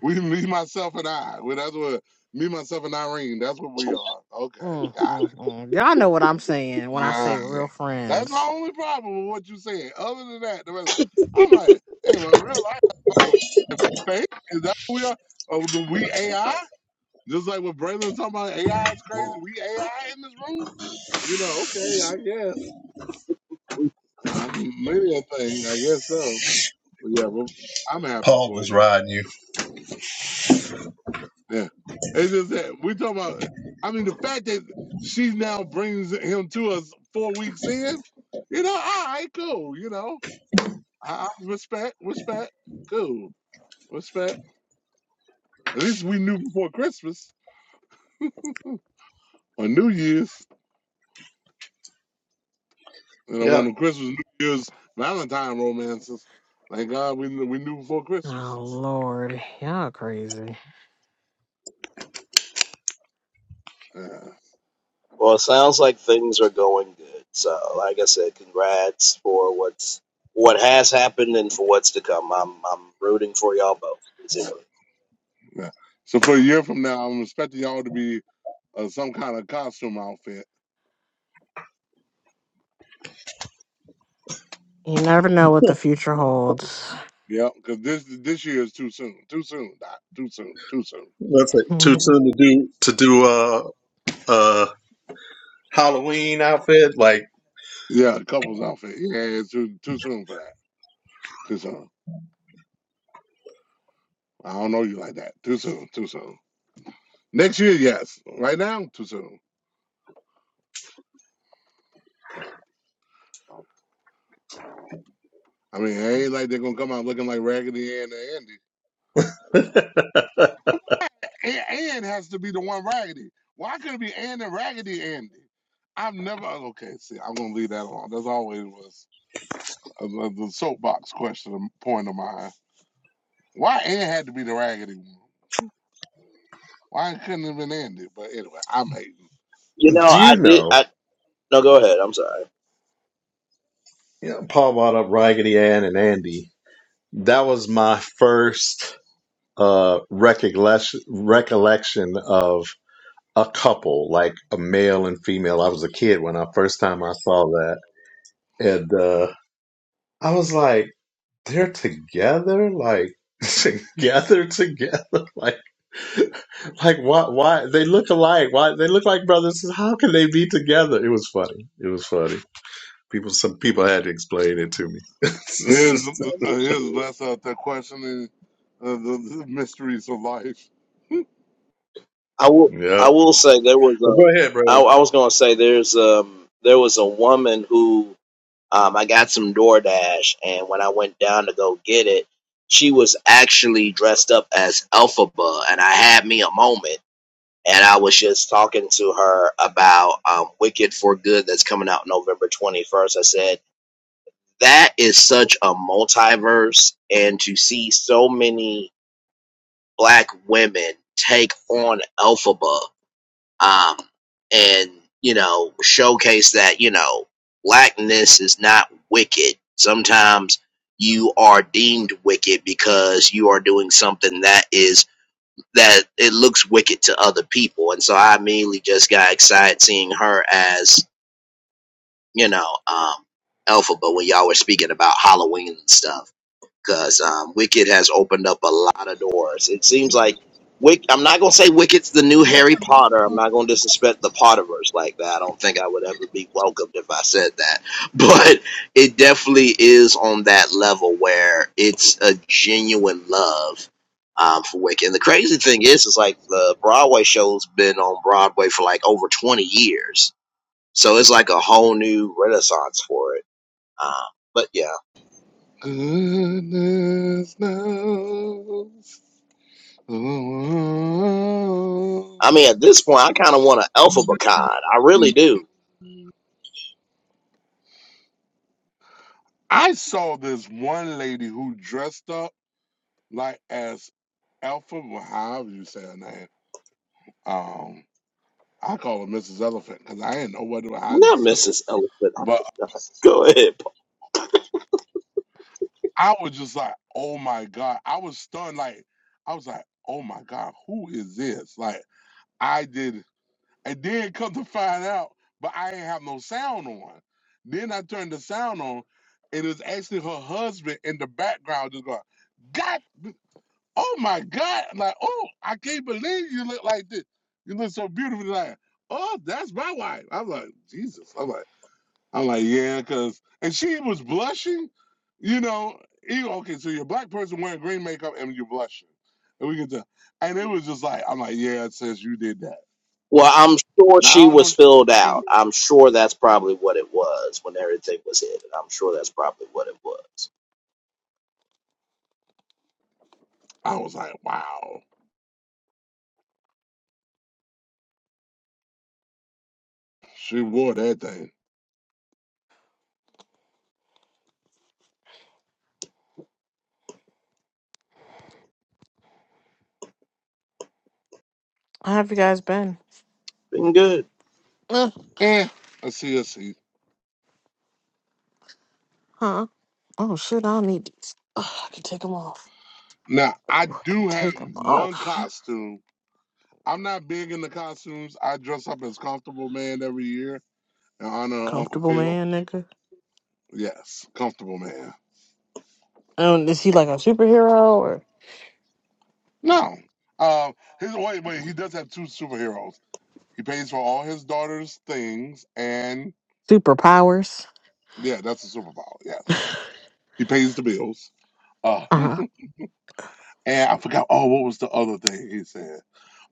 Speaker 2: We, me, myself, and I. Well, that's what me, myself, and Irene. That's what we are. Okay,
Speaker 4: Mm,
Speaker 2: got it.
Speaker 4: mm, mm. Y'all know what I'm saying when I
Speaker 2: All
Speaker 4: say
Speaker 2: right.
Speaker 4: real
Speaker 2: That's my
Speaker 4: friends.
Speaker 2: only problem with what you said. Other than that, the rest, I'm like, hey, my real life, I'm like, (laughs) fake? Is that what we are? Oh, the we AI? Just like what Braylon talking about, AI is crazy. We AI in this room? You know? Okay, I guess I'm many a thing. I guess so. But yeah, well, I'm happy
Speaker 3: Paul
Speaker 2: for
Speaker 3: just
Speaker 2: you.
Speaker 3: riding you.
Speaker 2: Yeah. It's just that we talk about. I mean, the fact that she now brings him to us four weeks in, you know, all right, cool. You know, I, I respect, respect, cool, respect. At least we knew before Christmas or New Year's, and I
Speaker 3: Yeah.
Speaker 2: want the Christmas, New Year's, Valentine romances. Thank God we knew, we knew before Christmas.
Speaker 4: Oh Lord, y'all crazy.
Speaker 2: Yeah,
Speaker 1: Well, it sounds like things are going good. So, like I said, congrats for what's what has happened and for what's to come. I'm I'm rooting for y'all both sincerely.
Speaker 2: yeah. So for a year from now, I'm expecting y'all to be uh, some kind of costume outfit.
Speaker 4: You never know what the future holds.
Speaker 2: Yeah, because this this year is too soon. Too soon, Doc. Too soon. Too soon.
Speaker 3: That's it.
Speaker 4: (laughs)
Speaker 3: Too
Speaker 4: How
Speaker 3: soon to do to do a uh, uh, Halloween outfit. Like,
Speaker 2: Yeah, couples outfit. Yeah, it's too too soon for that. Too soon. I don't know you like that. Too soon. Too soon. Next year, yes. Right now, too soon. I mean, it ain't like they're gonna come out looking like Raggedy Ann and
Speaker 3: (laughs) do
Speaker 2: Andy. A- Ann has to be the one Raggedy. Why couldn't it be Ann and Raggedy Andy? I've never. Okay, see, I'm gonna leave that alone. That's always was uh, the the soapbox question of- point of mine. Why Ann had to be the Raggedy one? Why it couldn't have been ended? But anyway, I'm hating.
Speaker 1: You know, I
Speaker 3: you
Speaker 1: did.
Speaker 3: know?
Speaker 1: I no, go ahead. I'm sorry.
Speaker 3: You know, Paul brought up Raggedy Ann and Andy. That was my first uh, recollection recollection of a couple, like a male and female. I was a kid when I first time I saw that, and uh, I was like. They're together, like (laughs) together, together, like like why why they look alike? Why they look like brothers? How can they be together? It was funny. It was funny. People, some people had to explain it to me. (laughs)
Speaker 2: Here's uh, here's less out there questioning uh, the, the mysteries of life.
Speaker 1: I will.
Speaker 3: yeah,
Speaker 1: I will say there was
Speaker 3: but
Speaker 1: um.
Speaker 3: go ahead,
Speaker 1: I,
Speaker 3: brother.
Speaker 1: I was going to say there's um there was a woman who Um, I got some DoorDash, and when I went down to go get it, she was actually dressed up as Elphaba, and I had me a moment. And I was just talking to her about um, Wicked for Good that's coming out November 21st. I said, that is such a multiverse, and to see so many black women take on Elphaba um, and you know showcase that you know blackness is not wicked. Sometimes you are deemed wicked because you are doing something that is that it looks wicked to other people, and so I immediately just got excited seeing her as you know um, Alpha. But when y'all were speaking about Halloween and stuff because um, Wicked has opened up a lot of doors. It seems like Wick. I'm not gonna say Wicked's the new Harry Potter. I'm not gonna disrespect the Potterverse like that. I don't think I would ever be welcomed if I said that. (laughs) But it definitely is on that level where it's a genuine love um, for Wicked. And the crazy thing is, is like the Broadway show's been on Broadway for like over 20 years, so it's like a whole new renaissance for it. Um, but yeah.
Speaker 2: Goodness knows. Oh.
Speaker 1: I mean, at this point, I kind of want an alpha Bacon. I really do.
Speaker 2: I saw this one lady who dressed up like as Alpha, well, however you say her name. Um, I call her Mrs. Elephant because I didn't know whether I had to
Speaker 1: Not
Speaker 2: say that.
Speaker 1: Mrs. Elephant. I
Speaker 2: But
Speaker 1: cannot. (laughs) Go ahead. Paul.
Speaker 2: I was just like, oh my God. I was stunned. Like, I was like, oh my God, who is this? Like, I did. And then come to find out, but I didn't have no sound on. Then I turned the sound on, and it was actually her husband in the background just going, God, oh my God. Like, oh, I can't believe you look like this. You look so beautiful. Like, oh, that's my wife. I was like, Jesus. I am like. I'm like, yeah, because and she was blushing, you know. You know, okay? So you're a black person wearing green makeup and you're blushing, and we can tell. And it was just like, I'm like, yeah, it says you did that.
Speaker 1: Well, I'm sure
Speaker 2: Now
Speaker 1: she
Speaker 2: I don't know.
Speaker 1: was
Speaker 2: What she
Speaker 1: filled
Speaker 2: seen.
Speaker 1: out. I'm sure that's probably what it was when everything was hidden. I'm sure that's probably what it was.
Speaker 2: I was like, wow, she wore that thing.
Speaker 4: have you guys been?
Speaker 1: Been good.
Speaker 4: Uh,
Speaker 2: Eh, I see, I see.
Speaker 4: huh? Oh shit, I don't need these. Ugh, I can take them off.
Speaker 2: Now I
Speaker 4: Ooh, I can
Speaker 2: do have
Speaker 4: take them
Speaker 2: one
Speaker 4: off.
Speaker 2: costume. I'm not big in the costumes. I dress up as Comfortable Man every year in honor of Uncle
Speaker 4: Comfortable
Speaker 2: Phil.
Speaker 4: man, nigga.
Speaker 2: Yes, Comfortable Man.
Speaker 4: Um, is he like a superhero or
Speaker 2: No. Um, his wait, wait, he does have two superheroes. He pays for all his daughter's things, and
Speaker 4: superpowers?
Speaker 2: yeah, that's a superpower. Yes, he pays the bills. Uh, (laughs)
Speaker 4: Uh huh.
Speaker 2: and I forgot. Oh, what was the other thing he said?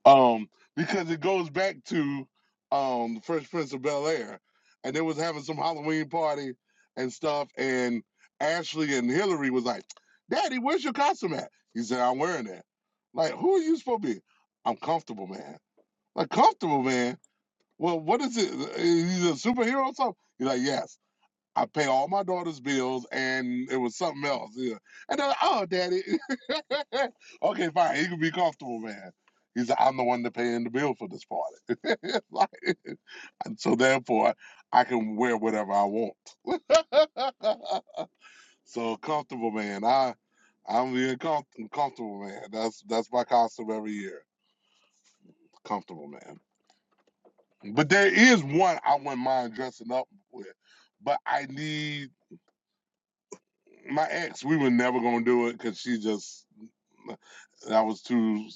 Speaker 2: Um, because it goes back to um the Fresh Prince of Bel Air, and they was having some Halloween party and stuff, and Ashley and Hillary was like, "Daddy, where's your costume at?" He said, "I'm wearing that." Like, who are you supposed to be? I'm comfortable, man. Like comfortable, man. well, what is it? He's a superhero or something? He's like, yes. I pay all my daughter's bills, and it was something else. Yeah. And they're like, oh, daddy. (laughs) okay, fine. He can be comfortable, man. He's like, I'm the one that paying the bill for this party. (laughs) like, and so therefore, I can wear whatever I want. (laughs) so comfortable, man. I, I'm being com- comfortable, man. That's that's my costume every year. Comfortable, man. But there is one I wouldn't mind dressing up with. But I need my ex. We were never gonna do it because she just that was too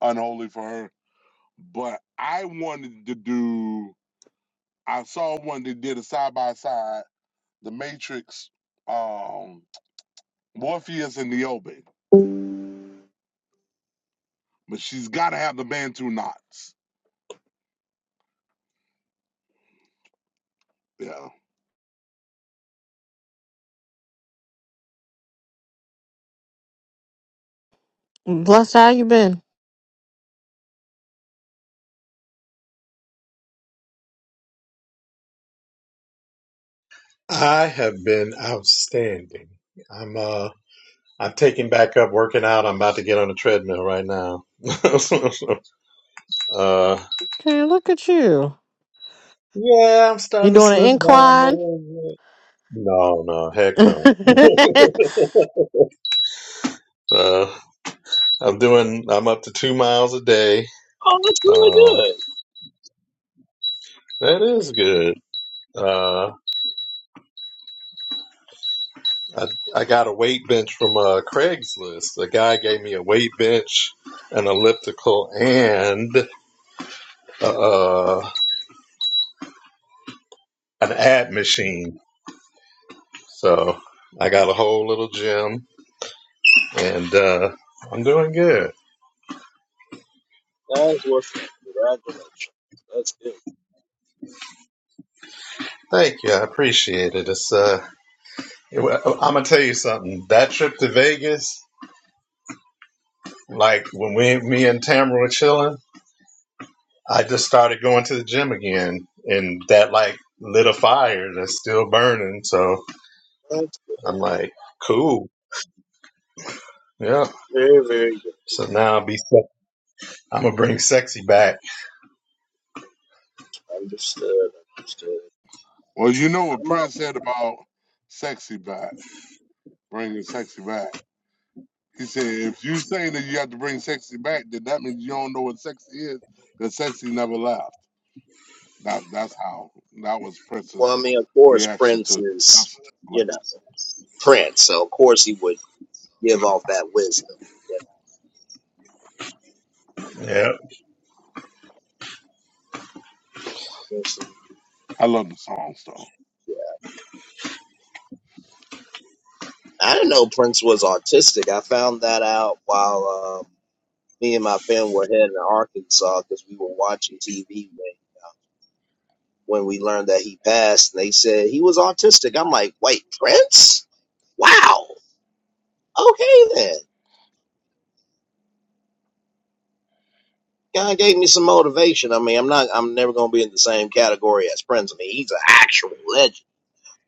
Speaker 2: unholy for her. But I wanted to do. I saw one that did a side by side, The Matrix, um, Morpheus and Niobe. But she's got to have the Bantu knots. Yeah.
Speaker 4: Bless how you been?
Speaker 3: I have been outstanding. I'm uh I'm taking back up working out. I'm about to get on the treadmill right now. (laughs) uh
Speaker 4: Okay, look at you.
Speaker 3: yeah, I'm
Speaker 4: You
Speaker 3: starting to
Speaker 4: doing an
Speaker 3: slow down a
Speaker 4: incline?
Speaker 3: little bit. No, no, heck
Speaker 4: (laughs)
Speaker 3: no. (laughs)
Speaker 4: I
Speaker 3: uh, I'm doing. I'm up to two miles a day.
Speaker 1: Oh, that's really
Speaker 3: Um,
Speaker 1: good.
Speaker 3: that is good. Uh, I I got a weight bench from uh, Craigslist. The guy gave me a weight bench, an elliptical, and uh, an ad machine. So I got a whole little gym, and uh, I'm doing good.
Speaker 1: That's what's up. Congratulations. That's good.
Speaker 3: Thank you. I appreciate it. It's uh, it, I'm gonna tell you something. That trip to Vegas. Like when we, me and Tamara were chilling, I just started going to the gym again, and that like lit a fire that's still burning. So
Speaker 1: That's good.
Speaker 3: I'm like, cool, yeah.
Speaker 1: Very, very good.
Speaker 3: So now I'll be, I'm gonna bring sexy back.
Speaker 1: Understood. Understood.
Speaker 2: Well, you know what
Speaker 1: I'm out.
Speaker 2: Prince said about sexy back, bringing sexy back. He said, if you say that you have to bring sexy back, then that means you don't know what sexy is, because sexy never left. That that's how that was
Speaker 1: Well,
Speaker 2: Prince's
Speaker 1: I mean, of course,
Speaker 2: reaction
Speaker 1: Prince
Speaker 2: to
Speaker 1: is,
Speaker 2: Justin
Speaker 1: you know,
Speaker 2: Timberlake.
Speaker 1: Prince. So, of course, he would give off that wisdom.
Speaker 3: Yeah,
Speaker 2: I love the songs though.
Speaker 1: I didn't know Prince was autistic. I found that out while um, me and my family were heading to Arkansas because we were watching TV when, when we learned that he passed. And they said he was autistic. I'm like, wait, Prince? Wow. Okay then. Kind of gave me some motivation. I mean, I'm not. I'm never gonna be in the same category as Prince. I mean, he's an actual legend.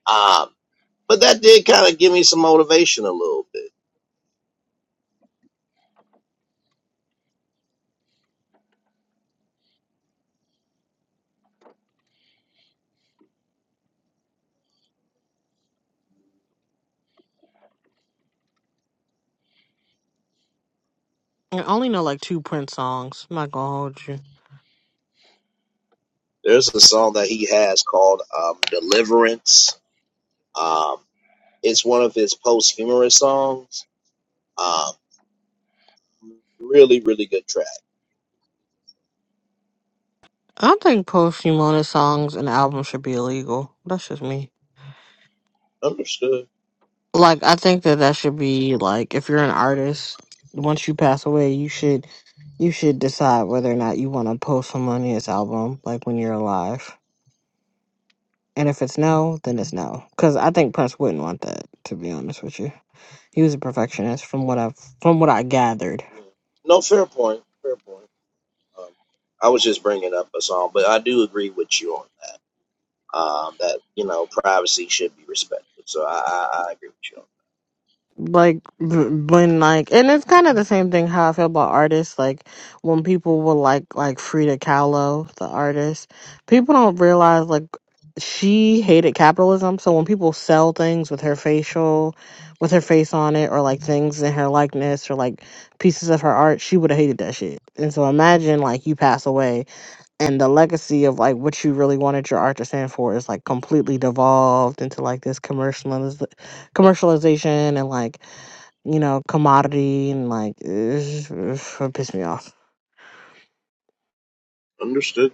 Speaker 1: Um, but that did kind of give me some motivation a little bit.
Speaker 4: only know like two Prince songs. I'm not gonna hold you.
Speaker 1: There's a song that he has called um, "Deliverance." Um, It's one of his posthumous songs. Um, really, really good track.
Speaker 4: I think posthumous songs and albums should be illegal. That's just me.
Speaker 1: Understood.
Speaker 4: Like, I think that that should be like, if you're an artist, once you pass away, you should you should decide whether or not you want to post some money as album, like when you're alive. And if it's no, then it's no. Because I think Prince wouldn't want that. To be honest with you, he was a perfectionist, from what I've from what I gathered.
Speaker 1: Yeah. No, fair point. Fair point. Um, I was just bringing up a song, but I do agree with you on that. Um, that you know, privacy should be respected. So I, I, I agree with you. on
Speaker 4: like b- when like and it's kind of the same thing how i feel about artists like when people will like like frida kahlo the artist people don't realize like she hated capitalism so when people sell things with her facial with her face on it or like things in her likeness or like pieces of her art she would have hated that shit and so imagine like you pass away and the legacy of like what you really wanted your art to stand for is like completely devolved into like this commercializ- commercialization and like you know, commodity and like it's, it's, it pissed me off.
Speaker 1: that. Understood.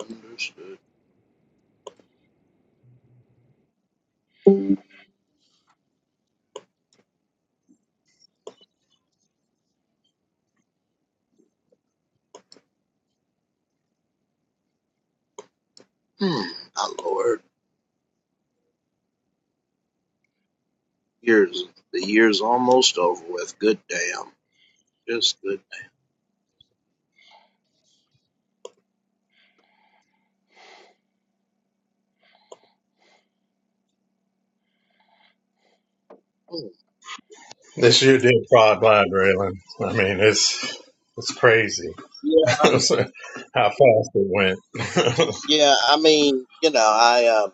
Speaker 1: Understood. Hmm. My lord, years. The year's almost over with. Good damn. Just good. Hmm.
Speaker 3: this year did fly by, Braylon. I mean, it's it's crazy.
Speaker 1: Yeah.
Speaker 3: (laughs) How fast it went. (laughs)
Speaker 1: Yeah. I mean, you know, I um.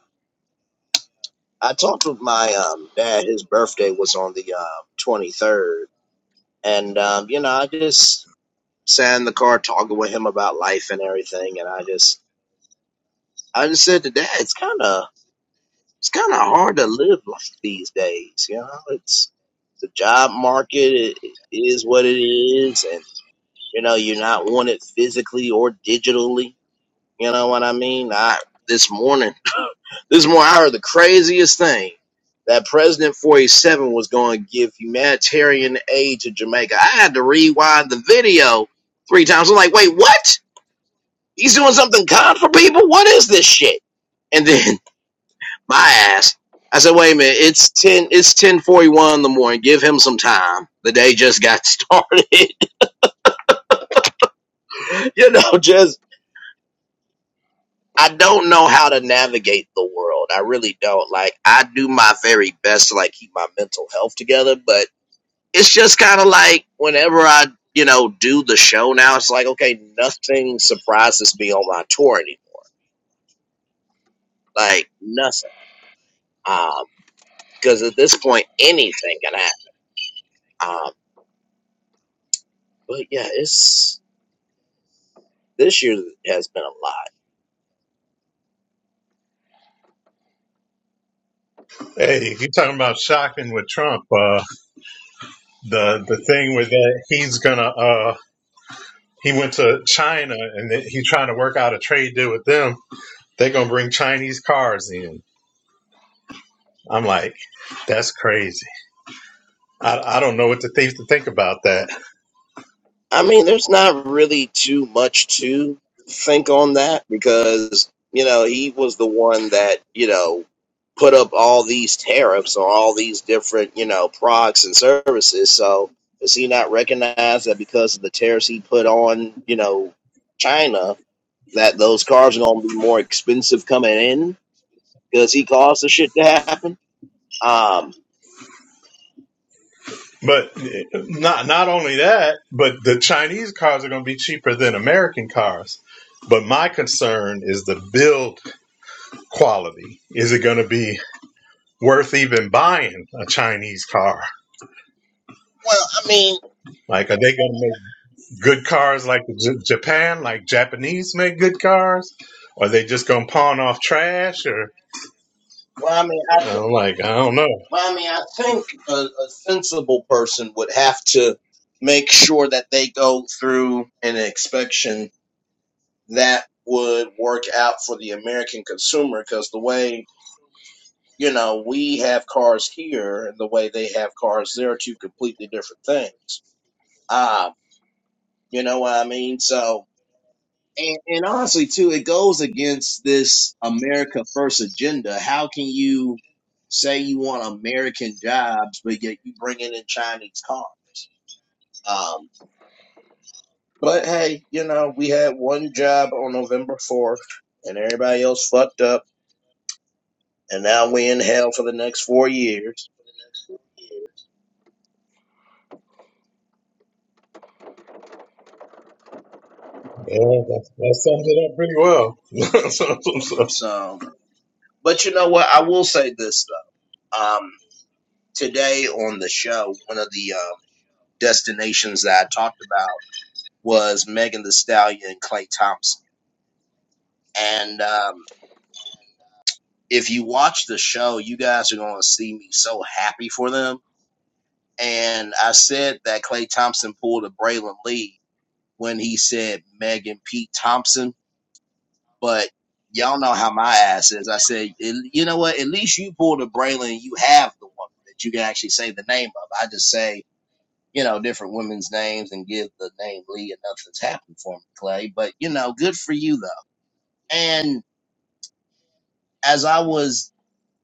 Speaker 1: I talked with my um dad. His birthday was on the um twenty third, and um, you know, I just sat in the car talking with him about life and everything, and I just, I just said to dad, it's kind of, it's kind of hard to live life these days. You know, it's the job market it, it is what it is, and you know, you're not wanted physically or digitally. You know what I mean? I this morning. This morning, I heard the craziest thing that President 47 was going to give humanitarian aid to Jamaica. I had to rewind the video three times. I'm like, wait, what? He's doing something kind for people? What is this shit? And then (laughs) my ass, I said, wait a minute, it's 10, it's 1041 in the morning. Give him some time. The day just got started. (laughs) you know, just, I don't know how to navigate the world. I really don't. Like, I do my very best to like keep my mental health together, but it's just kind of like whenever I, you know, do the show now, it's like, okay, nothing surprises me on my tour anymore. Like nothing. Um, cause at this point, anything can happen. Um, but yeah, it's, this year has been a lot.
Speaker 3: hey, you talking about shocking with Trump? Uh, the the thing with that, he's gonna. Uh, he went to China and then he trying to work out a trade deal with them. They're gonna bring Chinese cars in. I'm like, that's crazy. I, I don't know what to think to think about that.
Speaker 1: I mean, there's not really too much to think on that because, you know, he was the one that, you know, put up all these tariffs on all these different, you know, products and services. So does he not recognize that because of the tariffs he put on, you know, China, that those cars are going to be more expensive coming in because he caused the shit to happen? Um,
Speaker 3: But not not only that, but the Chinese cars are going to be cheaper than American cars. But my concern is the build quality. Is it going to be worth even buying a Chinese car?
Speaker 1: well, I mean,
Speaker 3: Like, are they going to make good cars like J- Japan, like Japanese make good cars? Or Are they just going to pawn off trash? Or
Speaker 1: well, I mean,
Speaker 3: I'm like, I don't know.
Speaker 1: Well, I mean, I think a, a sensible person would have to make sure that they go through an inspection that would work out for the American consumer because the way, you know, we have cars here and the way they have cars there are two completely different things. Um, you know what I mean? So, And, and honestly, too, it goes against this America First agenda. How can you say you want American jobs, but yet you bringing in Chinese cars? Um, but hey, you know, we had one job on November 4th, and everybody else fucked up, and now we in hell for the next four years.
Speaker 3: Yeah, that, that sums it up pretty well. (laughs) That's what i
Speaker 1: So, but you know what? I will say this though. Um, today on the show, one of the um, destinations that I talked about was Megan the Stallion and Clay Thompson. And um, if you watch the show, you guys are going to see me so happy for them. And I said that Clay Thompson pulled a Braylon Lee when he said Meg and Pete Thompson, but y'all know how my ass is. I said, you know what? At least you pulled a Braylon. You have the woman that you can actually say the name of. I just say, you know, different women's names and give the name Lee and nothing's happened for me, Clay. But, you know, good for you though. And as I was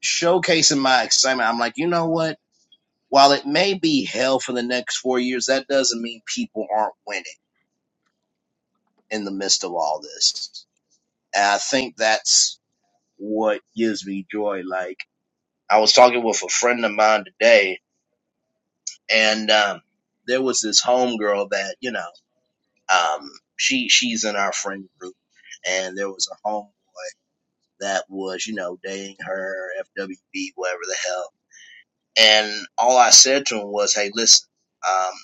Speaker 1: showcasing my excitement. I'm like, you know what? While it may be hell for the next four years, that doesn't mean people aren't winning in the midst of all this. And I think that's what gives me joy. Like I was talking with a friend of mine today, and um, there was this homegirl that you know, um, she she's in our friend group, and there was a homeboy that was you know dating her FWB, whatever the hell. And all I said to him was, "Hey, listen." um,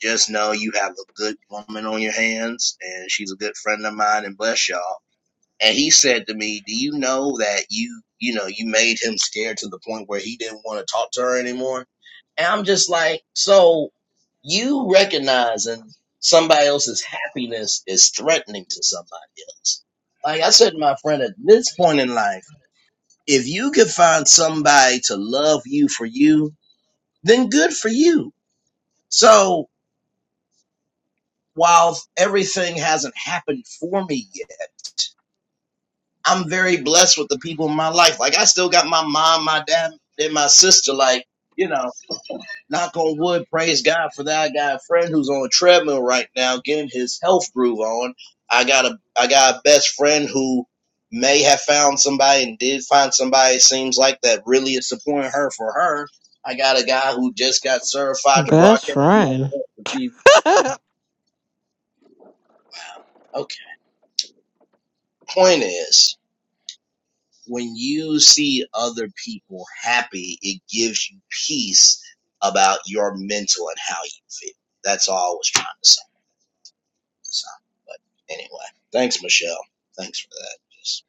Speaker 1: Just know you have a good woman on your hands, and she's a good friend of mine, and bless y'all. And he said to me, Do you know that you, you know, you made him scared to the point where he didn't want to talk to her anymore? And I'm just like, So you recognizing somebody else's happiness is threatening to somebody else. Like I said to my friend, at this point in life, if you could find somebody to love you for you, then good for you. So while everything hasn't happened for me yet. I'm very blessed with the people in my life. Like I still got my mom, my dad, and my sister. Like you know, knock on wood, praise God for that. I got a friend who's on a treadmill right now, getting his health groove on. I got a I got a best friend who may have found somebody and did find somebody. It seems like that really is supporting her for her. I got a guy who just got certified to
Speaker 4: Best
Speaker 1: broadcast more
Speaker 4: friend.
Speaker 1: for TV.
Speaker 4: (laughs)
Speaker 1: Okay. Point is, when you see other people happy, it gives you peace about your mental and how you feel. That's all I was trying to say. So, but anyway, thanks, Michelle. Thanks for that. Just,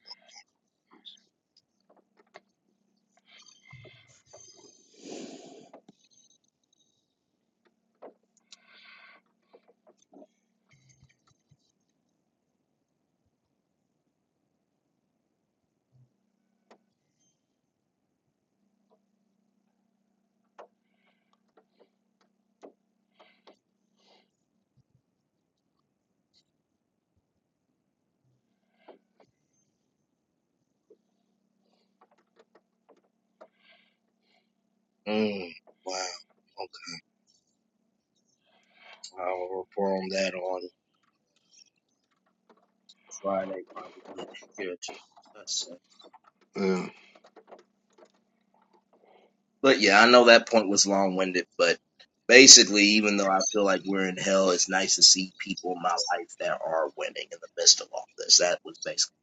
Speaker 1: mm, wow. Okay. I'll report on that on Friday, probably. Good. That's it.
Speaker 2: Yeah.
Speaker 1: But yeah, I know that point was long winded, but basically, even though I feel like we're in hell, it's nice to see people in my life that are winning in the midst of all this. That was basically.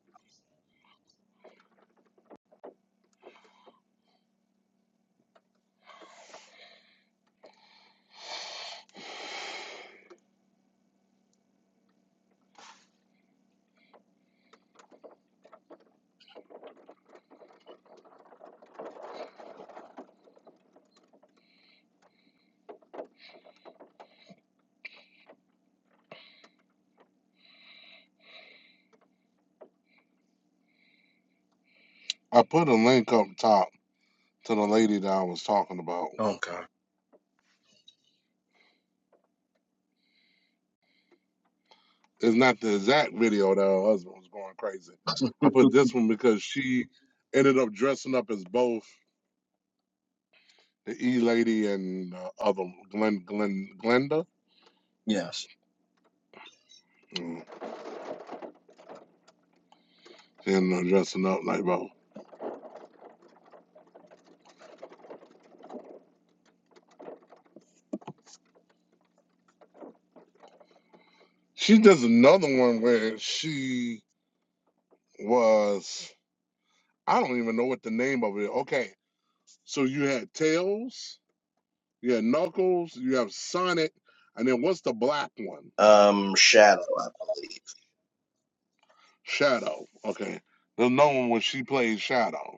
Speaker 2: I put a link up top to the lady that I was talking about.
Speaker 1: Okay.
Speaker 2: It's not the exact video that her husband was going crazy. I put
Speaker 1: (laughs)
Speaker 2: this one because she ended up dressing up as both the E lady and uh, other Glen Glen Glenda.
Speaker 1: yes.
Speaker 2: Mm. She ended up dressing up like both. She does another one where she was I don't even know what the name of it. Okay. So you had Tails, you had Knuckles, you have Sonic, and then what's the black one?
Speaker 1: Um, Shadow, I believe.
Speaker 2: Shadow. Okay. The known one where she plays Shadow.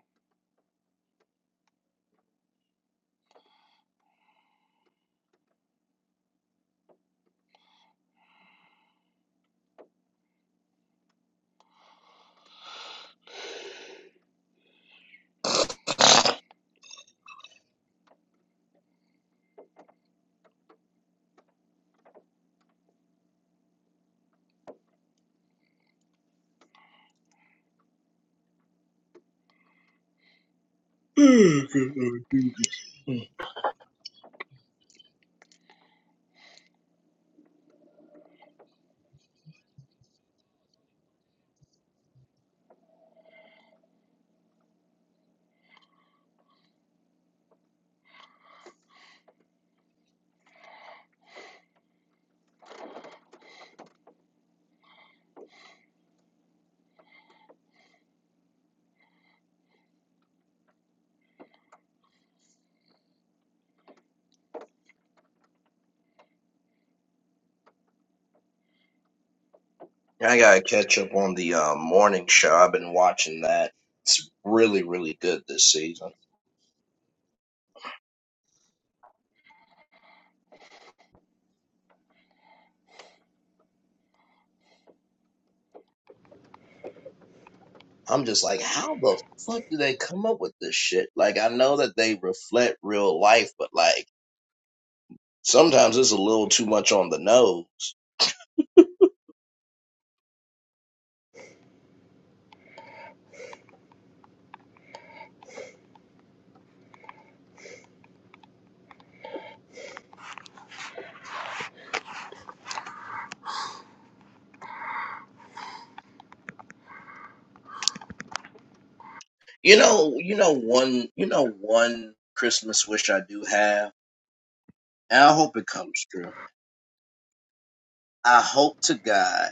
Speaker 1: Oh, Good Lord Jesus. Mm. I gotta catch up on the uh, morning show. I've been watching that. It's really, really good this season. I'm just like, how the fuck do they come up with this shit? Like, I know that they reflect real life, but like, sometimes it's a little too much on the nose. You know, you know one, you know one Christmas wish I do have, and I hope it comes true. I hope to God.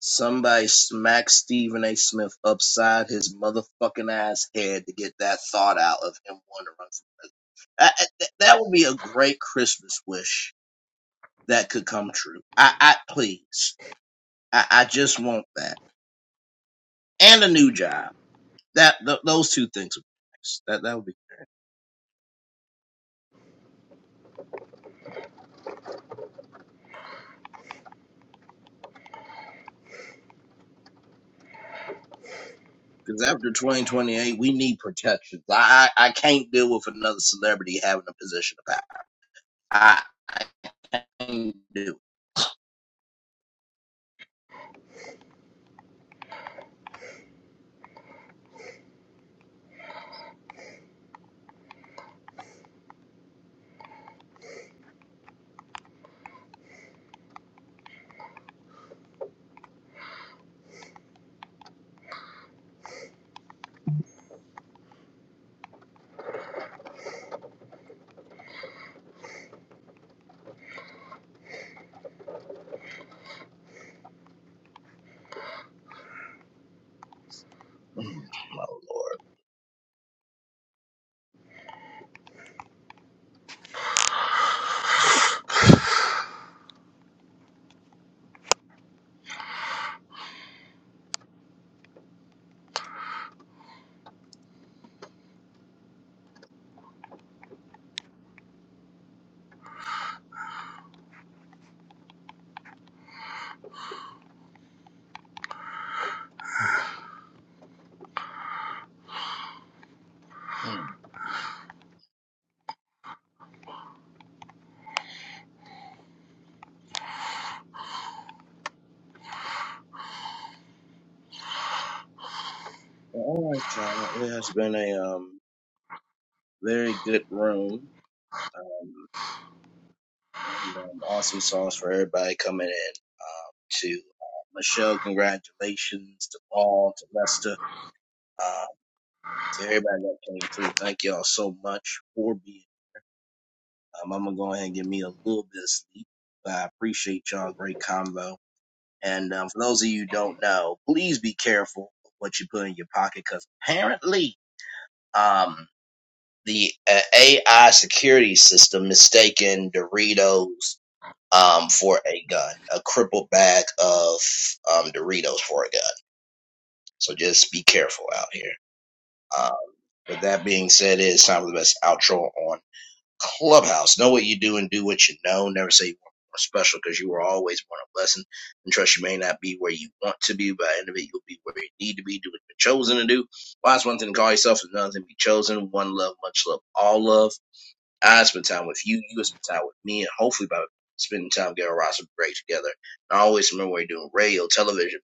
Speaker 1: Somebody smacked Stephen A. Smith upside his motherfucking ass head to get that thought out of him wanting to run for president. I, I- th- that would be a great Christmas wish that could come true. I, I please, I, I just want that and a new job. That th- those two things would be nice. That that would be because after 2028, we need protections. I, I I can't deal with another celebrity having a position of power. I, I can't do. it. Mm, Oh Lord. Mm. All right, y'all. It has been a um very good room, um, and um, awesome songs for everybody coming in. Um, to uh, Michelle, congratulations to Paul, to Lester, uh, to everybody that came through. Thank y'all so much for being. Um, I'm gonna go ahead and give me a little bit of sleep, but I appreciate y'all. Great combo. And um, for those of you who don't know, please be careful of what you put in your pocket, because apparently. um. the uh, AI security system mistaken Doritos um, for a gun, a crippled bag of um, Doritos for a gun. So just be careful out here. Uh, with that being said, it is time for the best outro on Clubhouse. Know what you do and do what you know. Never say you weren't born special because you were always born a blessing. And trust you may not be where you want to be, but at the end of it, you'll be where you need to be. Do what you're chosen to do. Why is one thing to call yourself, is another thing to be chosen. One love, much love, all love. I spend time with you, you spend time with me, and hopefully by spending time getting a roster break together. And I always remember when you're doing radio, television,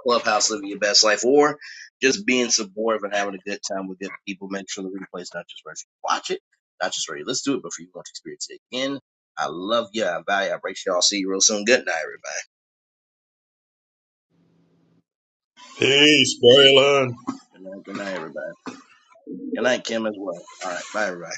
Speaker 1: clubhouse, living your best life, or just being supportive and having a good time with good people. Make sure the replay is not just where you watch it, not just where you listen to it, but for you to experience it again. I love you. I value. you, I appreciate you. all see you real soon. Good night,
Speaker 3: Peace, Braylon.
Speaker 1: everybody. Good night. Good night, everybody. Good night, Kim, as well. All right. Bye, everybody.